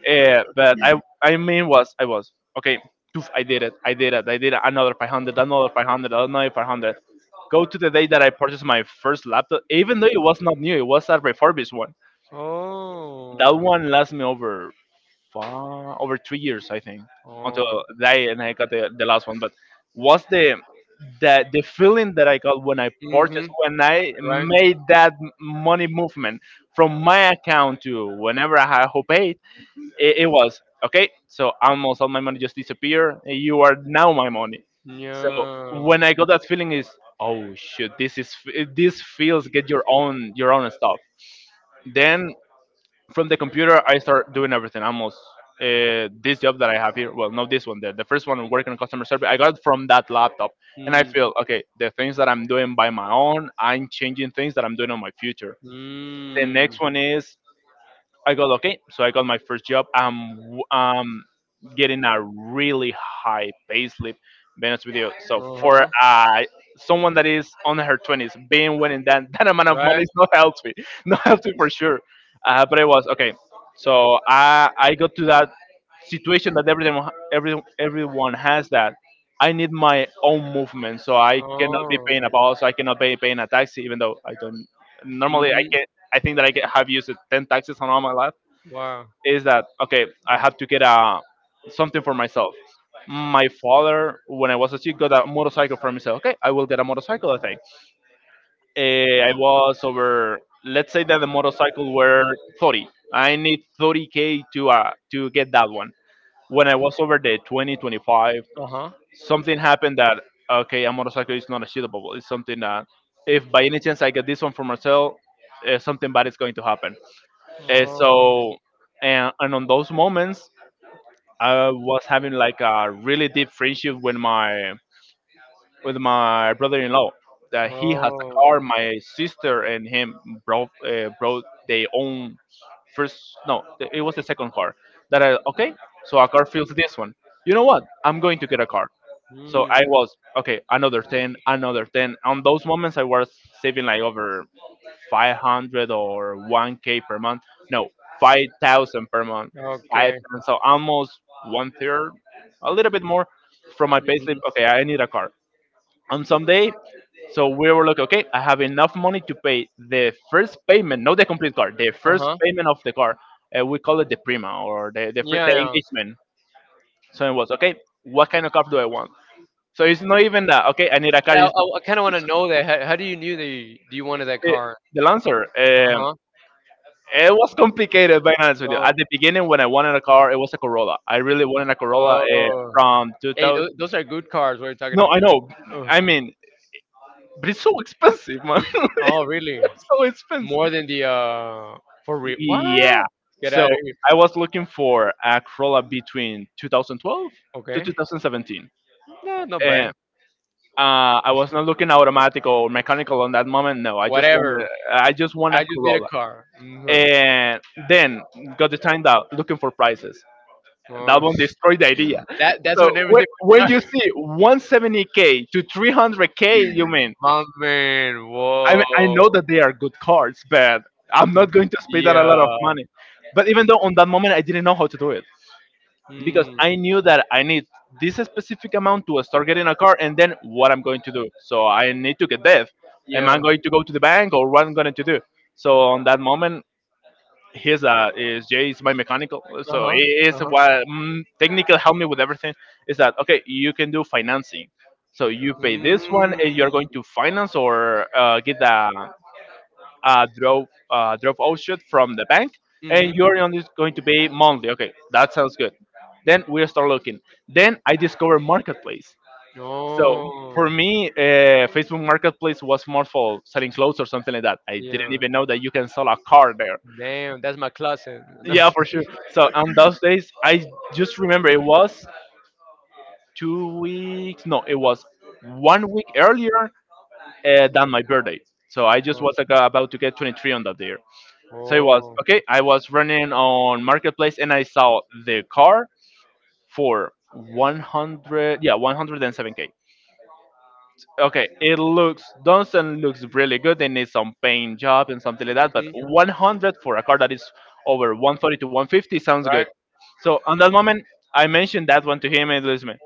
[SPEAKER 1] Uh, but I, I mean, was I was okay. Oof, I did it. I did it. I did it. Another five hundred. Another five hundred. Another five hundred. Go to the day that I purchased my first laptop, even though it was not new, it was a refurbished one
[SPEAKER 2] Oh.
[SPEAKER 1] that one lasted me over uh, over three years, I think, until
[SPEAKER 2] Oh.
[SPEAKER 1] that, and I got the, the last one. But was the that the feeling that I got when I
[SPEAKER 2] Mm-hmm.
[SPEAKER 1] purchased, when I
[SPEAKER 2] Right?
[SPEAKER 1] made that m- money movement from my account to whenever I had who paid, it, it was okay. So almost all my money just disappeared. And you are now my money. So
[SPEAKER 2] Yeah.
[SPEAKER 1] when I got that feeling is, oh shit, this is f- this feels get your own your own stuff. Then from the computer I start doing everything almost uh, this job that I have here, well, not this one, the, the first one working on customer service, I got it from that laptop, and I
[SPEAKER 2] Mm.
[SPEAKER 1] feel okay, the things that I'm doing by my own, I'm changing things that I'm doing on my future. The
[SPEAKER 2] Mm.
[SPEAKER 1] next one is, I got okay. So I got my first job. I'm um getting a really high pay slip. Being honest with you, so for
[SPEAKER 2] Uh-huh.
[SPEAKER 1] uh someone that is on her twenties, being winning that that amount of money
[SPEAKER 2] Right?
[SPEAKER 1] is not healthy, not healthy for sure. Uh, but it was okay. So I I got to that situation that everyone every everyone has that. I need my own movement, so I cannot be
[SPEAKER 2] Oh.
[SPEAKER 1] paying a boss. I cannot be paying a taxi, even though I don't. Normally, I
[SPEAKER 2] Mm-hmm.
[SPEAKER 1] can. I think that I get, have used it ten taxes on all my life,
[SPEAKER 2] Wow.
[SPEAKER 1] is that okay? I have to get a something for myself. My father, when I was a kid, got a motorcycle for me. So okay, I will get a motorcycle. I think Eh, I was over. Let's say that the motorcycle were thirty. I need thirty k to uh to get that one. When I was over the twenty twenty-five,
[SPEAKER 2] Uh-huh.
[SPEAKER 1] something happened that okay, a motorcycle is not achievable. It's something that if by any chance I get this one for myself, uh, something bad is going to happen. And
[SPEAKER 2] Oh.
[SPEAKER 1] so, and, and on those moments, I was having like a really deep friendship with my with my brother-in-law. That he has a
[SPEAKER 2] Oh.
[SPEAKER 1] car. My sister and him brought uh, brought their own first. No, th- it was the second car. That I okay. So a car fills this one. You know what? I'm going to get a car. So I
[SPEAKER 2] Mm.
[SPEAKER 1] was okay. Another ten, another ten. On those moments, I was saving like over five hundred or one k per month. No, five thousand per month. Five,
[SPEAKER 2] Okay.
[SPEAKER 1] so almost one third, a little bit more from my payslip.
[SPEAKER 2] Mhm.
[SPEAKER 1] Okay, I need a car. On some day, so we were like, okay, I have enough money to pay the first payment, not the complete car, the first
[SPEAKER 2] Uh-huh.
[SPEAKER 1] payment of the car. Uh, we call it the prima or the, the, fir-
[SPEAKER 2] Yeah,
[SPEAKER 1] the
[SPEAKER 2] yeah.
[SPEAKER 1] engagement. So it was, okay, what kind of car do I want? So it's not even that. Okay, I need a car.
[SPEAKER 2] Yeah,
[SPEAKER 1] It's not,
[SPEAKER 2] I, I kind of want to know that. How, how do you knew that you, you wanted that
[SPEAKER 1] eh,
[SPEAKER 2] car?
[SPEAKER 1] the answer. Um,
[SPEAKER 2] Uh-huh.
[SPEAKER 1] It was complicated, being honest with you.
[SPEAKER 2] Oh.
[SPEAKER 1] At the beginning, when I wanted a car, it was a Corolla. I really wanted a Corolla uh,
[SPEAKER 2] Oh.
[SPEAKER 1] from
[SPEAKER 2] Hey,
[SPEAKER 1] two thousand.
[SPEAKER 2] those, those are good cars we're talking
[SPEAKER 1] No,
[SPEAKER 2] about.
[SPEAKER 1] I know.
[SPEAKER 2] Oh,
[SPEAKER 1] I mean, but it's so expensive, man.
[SPEAKER 2] the oh, really?
[SPEAKER 1] it's so
[SPEAKER 2] More
[SPEAKER 1] expensive.
[SPEAKER 2] than the uh for real?
[SPEAKER 1] Yeah.
[SPEAKER 2] What? Get
[SPEAKER 1] So
[SPEAKER 2] out of here.
[SPEAKER 1] I was looking for a Corolla between two thousand twelve to
[SPEAKER 2] Okay.
[SPEAKER 1] twenty seventeen.
[SPEAKER 2] No, not
[SPEAKER 1] And
[SPEAKER 2] bad.
[SPEAKER 1] uh, I was not looking automatic or mechanical on that moment. No, I just wanted,
[SPEAKER 2] Whatever.
[SPEAKER 1] I just want
[SPEAKER 2] I
[SPEAKER 1] a
[SPEAKER 2] just need a
[SPEAKER 1] Corolla.
[SPEAKER 2] car. Mhm.
[SPEAKER 1] And then got the time out looking for prices. That
[SPEAKER 2] Oh,
[SPEAKER 1] one destroyed the idea.
[SPEAKER 2] that that's
[SPEAKER 1] So
[SPEAKER 2] when everything.
[SPEAKER 1] whe- when you see one hundred seventy k to three hundred k, you mean?
[SPEAKER 2] My man.
[SPEAKER 1] I mean, I
[SPEAKER 2] Whoa.
[SPEAKER 1] know that they are good cards, but I'm not going to spend that a lot
[SPEAKER 2] Yeah.
[SPEAKER 1] of money. But even though on that moment I didn't know how to do it because
[SPEAKER 2] Mm,
[SPEAKER 1] I knew that I need this specific amount to start getting a car, and then what I'm going to do. So I need to get debt. Am I
[SPEAKER 2] yeah.
[SPEAKER 1] going to go to the bank or what I'm going to do? So on that moment, his uh, is Jay is my mechanical,
[SPEAKER 2] Uh
[SPEAKER 1] so he
[SPEAKER 2] huh.
[SPEAKER 1] is
[SPEAKER 2] Uh huh.
[SPEAKER 1] what mm, technical, help me with everything. Is that okay? You can do financing, so you pay this
[SPEAKER 2] Mm,
[SPEAKER 1] one and you're going to finance, or uh, get a, a draw uh, draw offshoot from the bank,
[SPEAKER 2] mhm.
[SPEAKER 1] and you're only going to pay monthly. Okay, that sounds good. Then we start looking. Then I discover marketplace. So
[SPEAKER 2] Oh.
[SPEAKER 1] for me, uh, Facebook Marketplace was more for selling clothes or something like that. I didn't
[SPEAKER 2] Yeah.
[SPEAKER 1] even know that you can sell a car there.
[SPEAKER 2] Damn. That's my closet.
[SPEAKER 1] Yeah, for sure. So on those days, I just remember it was two weeks. No, it was one week earlier uh, than my birthday. So I just was
[SPEAKER 2] Oh.
[SPEAKER 1] like, uh, about to get twenty-three on that day. So it was
[SPEAKER 2] Oh,
[SPEAKER 1] okay. I was running on marketplace and I saw the car for one hundred. Yeah, one hundred seven k. Okay, it looks Dunstan looks really good. They need some paint job and something like that, but
[SPEAKER 2] mhm,
[SPEAKER 1] one hundred for a car that is over one forty to one fifty sounds good.
[SPEAKER 2] right?
[SPEAKER 1] So on that moment, I mentioned that one to him, and he goes, "Man,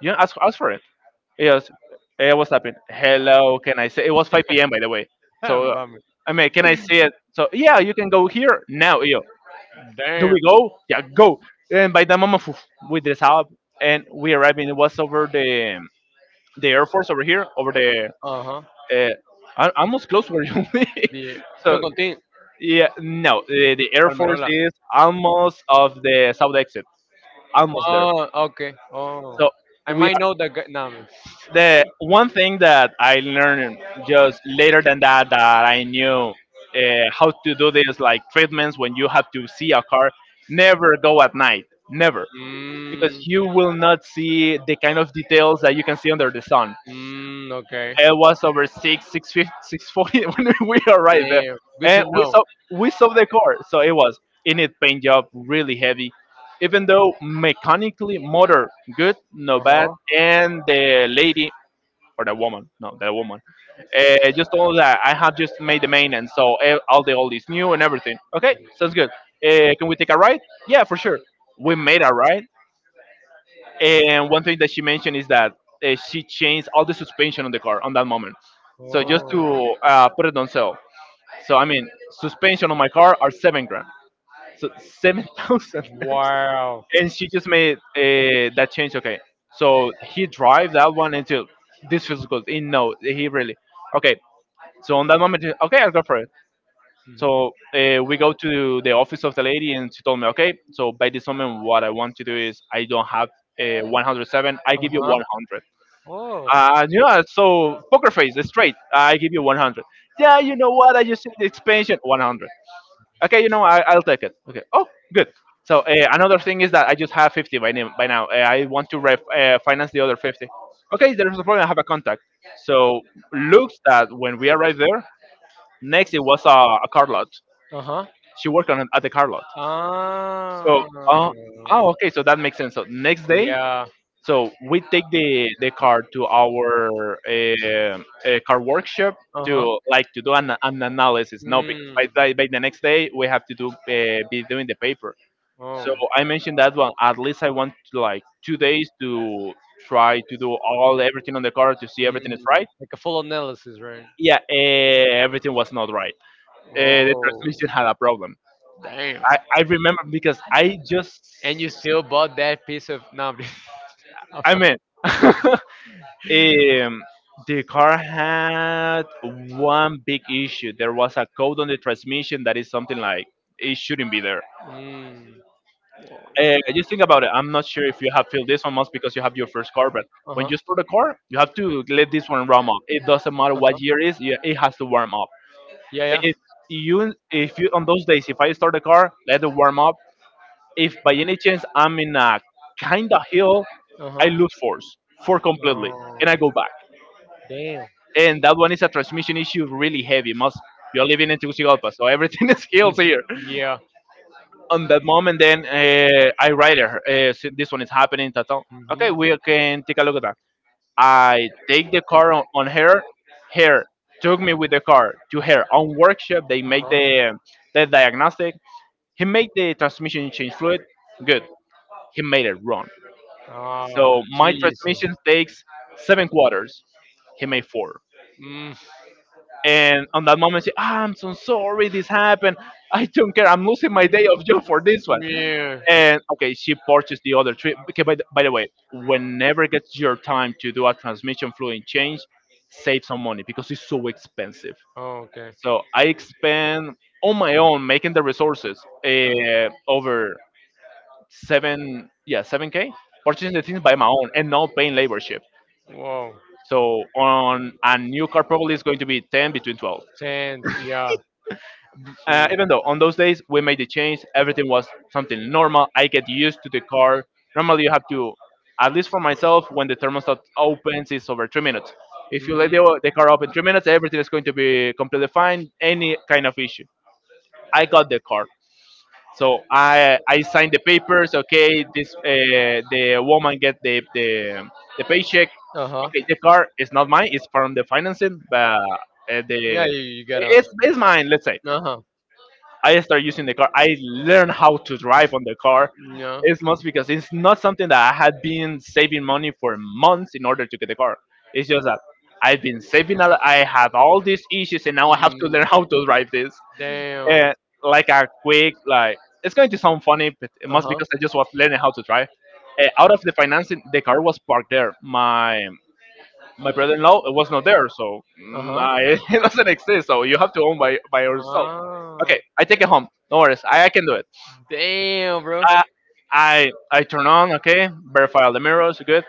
[SPEAKER 1] you ask, ask for it. Yes." Hey, what's happening? Hello. Can I say it was five p m p.m, by the way?
[SPEAKER 2] Ah,
[SPEAKER 1] So
[SPEAKER 2] Mami.
[SPEAKER 1] I mean, can I see it? So yeah, you can go here now. Yo, do
[SPEAKER 2] Damn.
[SPEAKER 1] we go? Yeah, go. And by that moment, poof, we dress up, and we arrive, and it was over the the Air Force, over here, over the
[SPEAKER 2] Uh-huh.
[SPEAKER 1] uh, al- almost close where you live.
[SPEAKER 2] The
[SPEAKER 1] So
[SPEAKER 2] Toncontin,
[SPEAKER 1] yeah, no, the, the Air Force
[SPEAKER 2] Palmerola.
[SPEAKER 1] is almost of the south exit, almost there.
[SPEAKER 2] Oh, okay. Oh.
[SPEAKER 1] So
[SPEAKER 2] I
[SPEAKER 1] we
[SPEAKER 2] might
[SPEAKER 1] are
[SPEAKER 2] know the guy. No.
[SPEAKER 1] the one thing that I learned just later than that, that I knew uh, how to do this, like treatments when you have to see a car. Never go at night, never, because
[SPEAKER 2] Mm,
[SPEAKER 1] you will not see the kind of details that you can see under the sun.
[SPEAKER 2] mm, okay.
[SPEAKER 1] It was over six, six fifty, six forty when we arrived there,
[SPEAKER 2] Damn. Good to
[SPEAKER 1] and we
[SPEAKER 2] know.
[SPEAKER 1] saw we saw the car. So it was in it paint job, really heavy. Even though mechanically motor good, no bad,
[SPEAKER 2] Uh-huh.
[SPEAKER 1] and the lady, or the woman, no, the woman, uh, just told that I have just made the maintenance, so eh, all the oil is new and everything. Okay, sounds good. Uh, can we take a ride? Yeah, for sure. We made a ride. And one thing that she mentioned is that uh, she changed all the suspension on the car on that moment. So just
[SPEAKER 2] Oh.
[SPEAKER 1] to uh, put it on sale. So I mean, suspension on my car are seven grand. So seven thousand.
[SPEAKER 2] Wow.
[SPEAKER 1] And she just made uh, that change. Okay, so he drive that one until this feels good. He, no, he really. Okay. So on that moment, he- okay, I'll go for it.
[SPEAKER 2] Mhm.
[SPEAKER 1] So uh, we go to the office of the lady, and she told me, okay, so by this moment, what I want to do is I don't have uh, one hundred seven, I give you
[SPEAKER 2] Uh-huh.
[SPEAKER 1] one hundred.
[SPEAKER 2] Oh.
[SPEAKER 1] Uh, you know, so poker face, straight. I give you one hundred. Yeah, you know what? I just see the expansion one hundred. Okay, you know, I, I'll take it. Okay. Oh, good. So uh, another thing is that I just have fifty by, name, by now. Uh, I want to ref, uh, finance the other fifty. Okay, there's a problem. I have a contact. So looks that when we arrived there, next it was a, a car lot.
[SPEAKER 2] Uh-huh.
[SPEAKER 1] She worked on at the car lot. So,
[SPEAKER 2] Ah,
[SPEAKER 1] uh, oh, okay. So that makes sense. So next day,
[SPEAKER 2] yeah.
[SPEAKER 1] so we take the the car to our uh, uh, car workshop
[SPEAKER 2] Uh
[SPEAKER 1] to,
[SPEAKER 2] huh.
[SPEAKER 1] like, to do an, an analysis. No, because
[SPEAKER 2] Mm.
[SPEAKER 1] by, by by the next day we have to do uh, be doing the paper.
[SPEAKER 2] Oh.
[SPEAKER 1] So I mentioned that one. At least I want like two days to try to do all everything on the car to see everything
[SPEAKER 2] Mm.
[SPEAKER 1] is right.
[SPEAKER 2] Like a full analysis, right?
[SPEAKER 1] Yeah, uh, everything was not right. Uh, the
[SPEAKER 2] Oh,
[SPEAKER 1] transmission had a problem.
[SPEAKER 2] damn.
[SPEAKER 1] I, I remember because I
[SPEAKER 2] And
[SPEAKER 1] just
[SPEAKER 2] you still bought that piece of no. I'm just I'm
[SPEAKER 1] I
[SPEAKER 2] not
[SPEAKER 1] mean, Um, the car had one big issue. There was a code on the transmission that is something like it shouldn't be there.
[SPEAKER 2] Mm.
[SPEAKER 1] Uh, just think about it. I'm not sure if you have filled this one most, because you have your first car, but
[SPEAKER 2] Uh
[SPEAKER 1] when
[SPEAKER 2] huh.
[SPEAKER 1] you start a car, you have to let this one warm up. It doesn't matter
[SPEAKER 2] Uh
[SPEAKER 1] what year
[SPEAKER 2] huh.
[SPEAKER 1] it is, you- it has to warm up.
[SPEAKER 2] Yeah, yeah.
[SPEAKER 1] If you, if you, on those days, if I start a car, let it warm up. If by any chance I'm in a kind of hill,
[SPEAKER 2] Uh
[SPEAKER 1] I
[SPEAKER 2] huh.
[SPEAKER 1] lose force, for completely,
[SPEAKER 2] Oh,
[SPEAKER 1] and I go back.
[SPEAKER 2] damn.
[SPEAKER 1] And that one is a transmission issue, really heavy. Most you're living in Tegucigalpa, so everything is
[SPEAKER 2] Hmm.
[SPEAKER 1] hills here.
[SPEAKER 2] Yeah.
[SPEAKER 1] On that moment, then uh, I write her. Uh, so this one is happening. Tata.
[SPEAKER 2] Hmm.
[SPEAKER 1] Okay, we can take a look at that. I take the car on, on her. Her took me with the car to her own workshop. They make
[SPEAKER 2] Uh-huh.
[SPEAKER 1] the the diagnostic. He made the transmission change fluid. Good. He made it wrong.
[SPEAKER 2] Ah,
[SPEAKER 1] So my
[SPEAKER 2] Jesus.
[SPEAKER 1] transmission takes seven quarters. He made four.
[SPEAKER 2] Mm,
[SPEAKER 1] And on that moment, she, ah, I'm so sorry this happened. I don't care. I'm losing my day of job for this one.
[SPEAKER 2] yeah.
[SPEAKER 1] And okay, she purchased the other three. Okay, by the, by the way, whenever it gets your time to do a transmission fluid change, save some money because it's so expensive.
[SPEAKER 2] Oh, okay.
[SPEAKER 1] So I expend on my own making the resources uh, over seven, yeah, seven k, purchasing the things by my own and not paying laborship.
[SPEAKER 2] Wow.
[SPEAKER 1] So on a new car, probably it's going to be ten between twelve.
[SPEAKER 2] Tenth. Yeah.
[SPEAKER 1] Uh,
[SPEAKER 2] She.
[SPEAKER 1] even though on those days we made the change, everything was something normal. I get used to the car. Normally, you have to, at least for myself, when the thermostat opens, it's over three minutes. If you
[SPEAKER 2] Hmm.
[SPEAKER 1] let the, the car open three minutes, everything is going to be completely fine. Any kind of issue, I got the car. So I I signed the papers. Okay, this uh, the woman get the the the paycheck.
[SPEAKER 2] Uh huh.
[SPEAKER 1] Okay, the car is not mine. It's from the financing, but uh,
[SPEAKER 2] Yeah.
[SPEAKER 1] the
[SPEAKER 2] You, you get out.
[SPEAKER 1] it's, it's mine. Let's say
[SPEAKER 2] Uh huh.
[SPEAKER 1] I start using the car. I learned how to drive on the car.
[SPEAKER 2] Yeah.
[SPEAKER 1] It's mostly because it's not something that I had been saving money for months in order to get the car. It's just that I've been saving a lot. I have all these issues, and now I have to
[SPEAKER 2] Mm,
[SPEAKER 1] learn how to drive this.
[SPEAKER 2] damn.
[SPEAKER 1] And like a quick, like, it's going to sound funny, but it
[SPEAKER 2] Uh
[SPEAKER 1] must
[SPEAKER 2] huh.
[SPEAKER 1] because I just was learning how to drive. Uh, out of the financing, the car was parked there. My my brother-in-law was not there, so
[SPEAKER 2] Uh
[SPEAKER 1] mm,
[SPEAKER 2] huh.
[SPEAKER 1] I, it doesn't exist. So you have to own by by yourself.
[SPEAKER 2] Ah.
[SPEAKER 1] Okay, I take it home. No worries, I, I can do it.
[SPEAKER 2] Damn, bro.
[SPEAKER 1] I, I I turn on. Okay, verify all the mirrors. Good.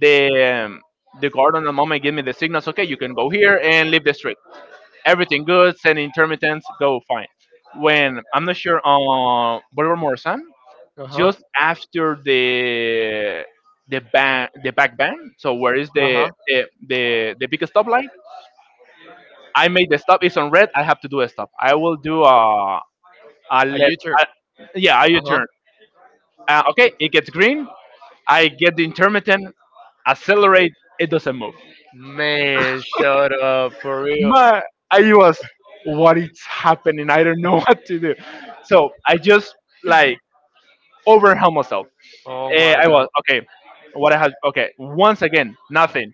[SPEAKER 1] The um, the guard on the moment give me the signals. Okay, you can go here and leave the street. Everything good. Send intermittents. Go fine. When I'm not sure on Bolívar Morazán,
[SPEAKER 2] Uh huh.
[SPEAKER 1] just after the the ban the back ban. So where is
[SPEAKER 2] Uh
[SPEAKER 1] the
[SPEAKER 2] huh.
[SPEAKER 1] the the, the big stop line? I made the stop. It's on red. I have to do a stop. I will do a a
[SPEAKER 2] A U
[SPEAKER 1] left.
[SPEAKER 2] turn.
[SPEAKER 1] A, yeah, a
[SPEAKER 2] Uh huh.
[SPEAKER 1] U-turn. Uh, okay, it gets green. I get the intermittent, accelerate, it doesn't move.
[SPEAKER 2] Man, shut up for real.
[SPEAKER 1] My, I was, what is happening? I don't know what to do. So I just, like, overwhelmed myself.
[SPEAKER 2] Oh
[SPEAKER 1] Eh,
[SPEAKER 2] my
[SPEAKER 1] I
[SPEAKER 2] god.
[SPEAKER 1] was, okay, what I had, okay, once again, nothing.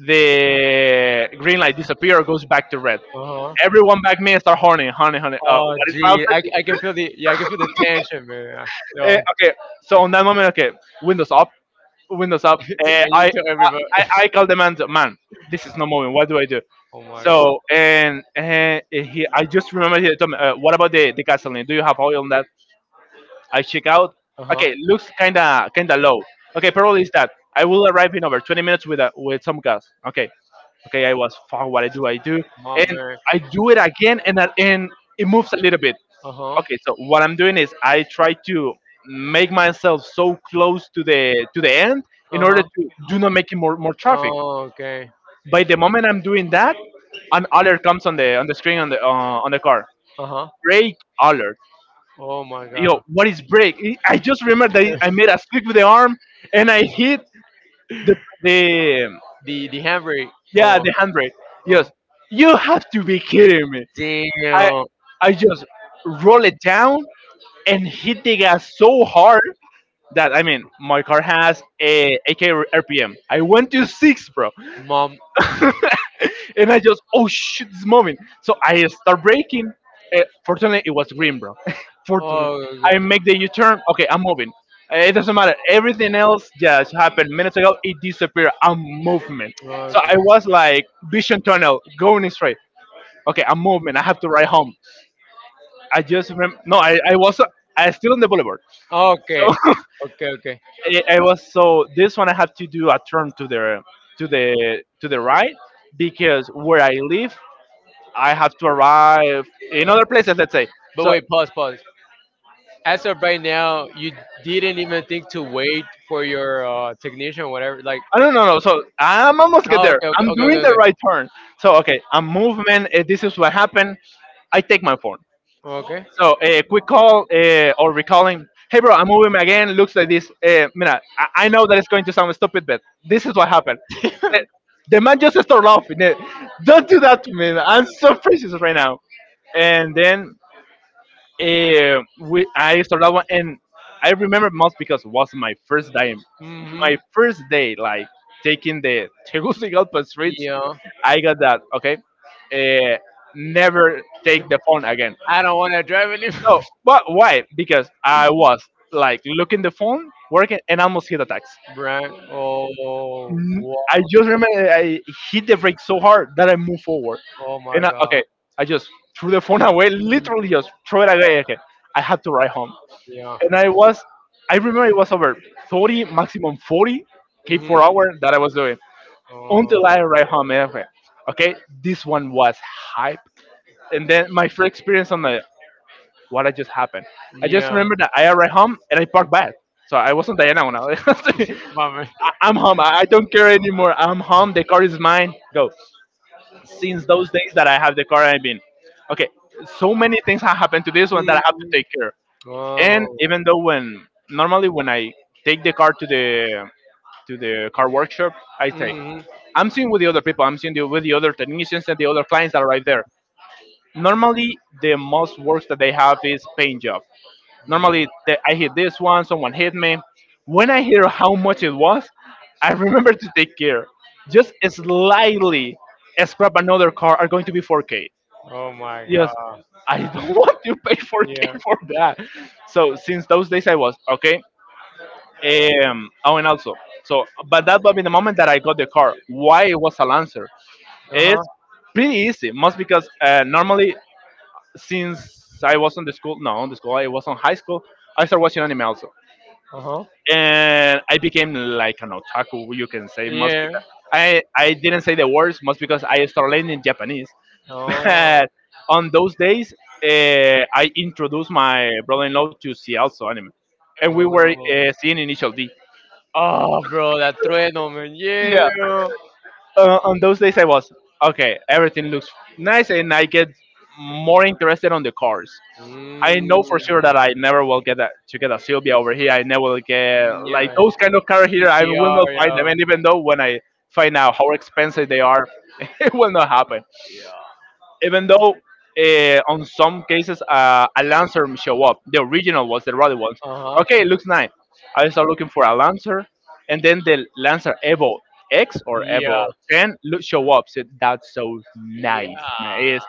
[SPEAKER 1] The green light disappear, goes back to red.
[SPEAKER 2] Uh huh.
[SPEAKER 1] Everyone back me and start horning, honey, honey. Uh,
[SPEAKER 2] Oh
[SPEAKER 1] what is
[SPEAKER 2] gee, I,
[SPEAKER 1] happening?
[SPEAKER 2] I can feel the yeah, I can feel the tension, man. Yo,
[SPEAKER 1] Eh,
[SPEAKER 2] and
[SPEAKER 1] okay, so on that moment, okay, windows up, windows up. Uh,
[SPEAKER 2] you
[SPEAKER 1] I,
[SPEAKER 2] tell everybody.
[SPEAKER 1] I I call the man. Man, this is not moving. What do I do?
[SPEAKER 2] Oh my god.
[SPEAKER 1] So and, and he, I just remember he told me, uh, "What about the the gasoline? Do you have oil on that?" I check out.
[SPEAKER 2] Uh huh.
[SPEAKER 1] Okay, looks kinda kinda low. Okay, probably is that. I will arrive in over twenty minutes with a, with some gas. Okay, okay. I was fuck. What I do? I do,
[SPEAKER 2] My
[SPEAKER 1] and
[SPEAKER 2] man.
[SPEAKER 1] I do it again, and I- and it moves a little bit.
[SPEAKER 2] Uh huh.
[SPEAKER 1] Okay, so what I'm doing is I try to make myself so close to the to the end in
[SPEAKER 2] Uh
[SPEAKER 1] order
[SPEAKER 2] huh.
[SPEAKER 1] to do not make it more more traffic.
[SPEAKER 2] Oh, okay.
[SPEAKER 1] By the moment I'm doing that, an alert comes on the on the screen on the uh, on the car.
[SPEAKER 2] Uh huh.
[SPEAKER 1] Brake alert,
[SPEAKER 2] Oh my
[SPEAKER 1] yo,
[SPEAKER 2] god.
[SPEAKER 1] what is break? I just remember that I made a sweep with the arm and I hit the, the
[SPEAKER 2] The the handbrake.
[SPEAKER 1] yeah,
[SPEAKER 2] Oh,
[SPEAKER 1] the handbrake.
[SPEAKER 2] oh.
[SPEAKER 1] Yes, you have to be kidding me. I
[SPEAKER 2] Damn,
[SPEAKER 1] I just roll it down and hit the gas so hard that I mean my car has a AK R P M. I went to six, bro.
[SPEAKER 2] mom.
[SPEAKER 1] And I just, oh shit, this moment. So I start braking. Uh, fortunately, it was green, bro. Fortunately,
[SPEAKER 2] Oh,
[SPEAKER 1] I
[SPEAKER 2] god.
[SPEAKER 1] make the U-turn. Okay, I'm moving. Uh, It doesn't matter. Everything else just happened minutes ago. It disappeared. I'm movement. So I was like vision tunnel going straight. Okay, I'm movement. I have to ride home. I just remember. No, I, I was I still on the boulevard.
[SPEAKER 2] Okay. Okay.
[SPEAKER 1] So
[SPEAKER 2] Okay, okay.
[SPEAKER 1] I, I was so this one I have to do a turn to the to the to the right because where I live I have to arrive in other places, let's say.
[SPEAKER 2] But
[SPEAKER 1] So
[SPEAKER 2] wait, pause, pause. As of right now, you didn't even think to wait for your uh, technician or whatever. Like,
[SPEAKER 1] I don't know. No, so I'm almost get
[SPEAKER 2] oh,
[SPEAKER 1] there.
[SPEAKER 2] okay, okay,
[SPEAKER 1] I'm
[SPEAKER 2] okay,
[SPEAKER 1] doing
[SPEAKER 2] okay,
[SPEAKER 1] the
[SPEAKER 2] okay.
[SPEAKER 1] right turn. So okay, I'm movement. Uh, this is what happened. I take my phone.
[SPEAKER 2] Okay.
[SPEAKER 1] So a quick call uh, or recalling. Hey bro, I'm moving again. Looks like this. Uh, mira, I, I know that it's going to sound stupid, but this is what happened. The, the man just started laughing. Eh, Don't do that to me. I'm so precious right now. And then uh, we, I started that one, and I remember most because it was my first time my
[SPEAKER 2] Mm-hmm.
[SPEAKER 1] first day, like taking the Tegucigalpa streets,
[SPEAKER 2] Yeah.
[SPEAKER 1] I got that. Okay, uh, never take the phone again.
[SPEAKER 2] I don't want to drive anymore.
[SPEAKER 1] No, but why? Because I was like looking the phone, working, and almost hit a tax.
[SPEAKER 2] Brand. Oh, wow.
[SPEAKER 1] N- I just remember I hit the brake so hard that I moved forward,
[SPEAKER 2] Oh my
[SPEAKER 1] and I, okay,
[SPEAKER 2] God.
[SPEAKER 1] I just threw the phone away, literally just threw it away. Okay, I had to ride home,
[SPEAKER 2] Yeah.
[SPEAKER 1] and I was, I remember it was over thirty, maximum forty k per
[SPEAKER 2] Mhm.
[SPEAKER 1] hour that I was doing,
[SPEAKER 2] Oh,
[SPEAKER 1] until I arrived home. And I went, okay, this one was hype. And then my first experience on the what I just happened. I just
[SPEAKER 2] yeah.
[SPEAKER 1] remember that I arrived home and I parked bad. So I wasn't Diana when I was. I-
[SPEAKER 2] Mama.
[SPEAKER 1] I'm home. I I don't care anymore. I'm home. The car is mine. Go. Since those days that I have the car, I've been okay. So many things have happened to this one that I have to take care. And
[SPEAKER 2] Oh.
[SPEAKER 1] even though when normally when I take the car to the to the car workshop, I say
[SPEAKER 2] Mhm.
[SPEAKER 1] I'm seeing with the other people. I'm seeing the, with the other technicians and the other clients that are right there. Normally, the most works that they have is paint job.
[SPEAKER 2] Mm.
[SPEAKER 1] Normally, the, I hit this one, someone hit me. When I hear how much it was, I remember to take care. Just slightly scrap another car are going to be four K.
[SPEAKER 2] Oh my
[SPEAKER 1] Yes,
[SPEAKER 2] God.
[SPEAKER 1] I don't want to pay four K
[SPEAKER 2] Yeah.
[SPEAKER 1] for that. So since those days, I was okay. Um, oh, and also, so but that was in the moment that I got the car. Why it was a Lancer?
[SPEAKER 2] Uh huh.
[SPEAKER 1] It's pretty easy, most because uh, normally since I was on the school, no, on the school, I was on high school, I started watching anime also,
[SPEAKER 2] Uh huh.
[SPEAKER 1] and I became like an otaku, you can say, most because
[SPEAKER 2] Yeah.
[SPEAKER 1] I I didn't say the words, most because I started learning Japanese,
[SPEAKER 2] Oh.
[SPEAKER 1] but on those days, uh, I introduced my brother-in-law to see also anime, and we were
[SPEAKER 2] Oh.
[SPEAKER 1] uh, seeing Initial D.
[SPEAKER 2] Oh, bro, that trueno, man. Yeah.
[SPEAKER 1] Yeah.
[SPEAKER 2] Bro.
[SPEAKER 1] Uh, on those days I was okay. Everything looks nice, and I get more interested on the cars. I
[SPEAKER 2] Mm.
[SPEAKER 1] know for sure that I never will get a, to get a Sylvia over here. I never will get like
[SPEAKER 2] Yeah.
[SPEAKER 1] those kind of car here. I will
[SPEAKER 2] P T R,
[SPEAKER 1] not find
[SPEAKER 2] yeah.
[SPEAKER 1] them, and even though when I find out how expensive they are, it will not happen even though uh, on some cases uh, a lancer show up, the original ones, the rally ones.
[SPEAKER 2] Uh huh.
[SPEAKER 1] Okay, it looks nice. I start looking for a lancer, and then the lancer Evo X or Evo
[SPEAKER 2] Yeah.
[SPEAKER 1] ten look, show up. So that's so
[SPEAKER 2] Yeah.
[SPEAKER 1] nice, man. It is-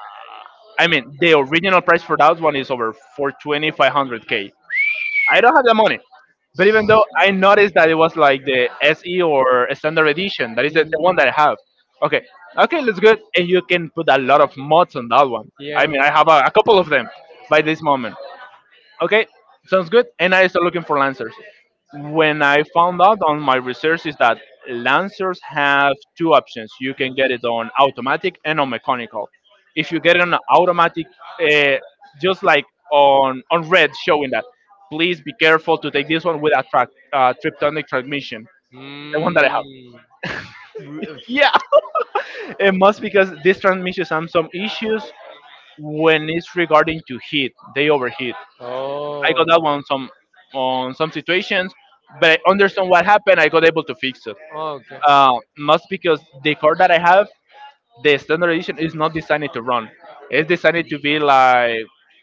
[SPEAKER 1] I mean, the original price for that one is over four twenty five hundred k. I don't have the money. But even though I noticed that it was like the S E or standard edition, that is the, the
[SPEAKER 2] Hmm.
[SPEAKER 1] one that I have. Okay, okay, looks good, and you can put a lot of mods on that one. I
[SPEAKER 2] Yeah.
[SPEAKER 1] mean, I have a, a couple of them by this moment. Okay, sounds good. And I started looking for lancers. When I found out on my research is that lancers have two options. You can get it on automatic and on mechanical. If you get it on automatic, uh, just like on on red showing that, please be careful to take this one with a track, uh, triptonic transmission, the one that I have.
[SPEAKER 2] Mm.
[SPEAKER 1] Yeah, it must because this transmission has some issues when it's regarding to heat. They overheat. I
[SPEAKER 2] Oh.
[SPEAKER 1] got that one some on some situations, but I understand what happened. I got able to fix it.
[SPEAKER 2] Okay.
[SPEAKER 1] Uh, must because the car that I have, the standard edition is not designed to run. It's designed to be like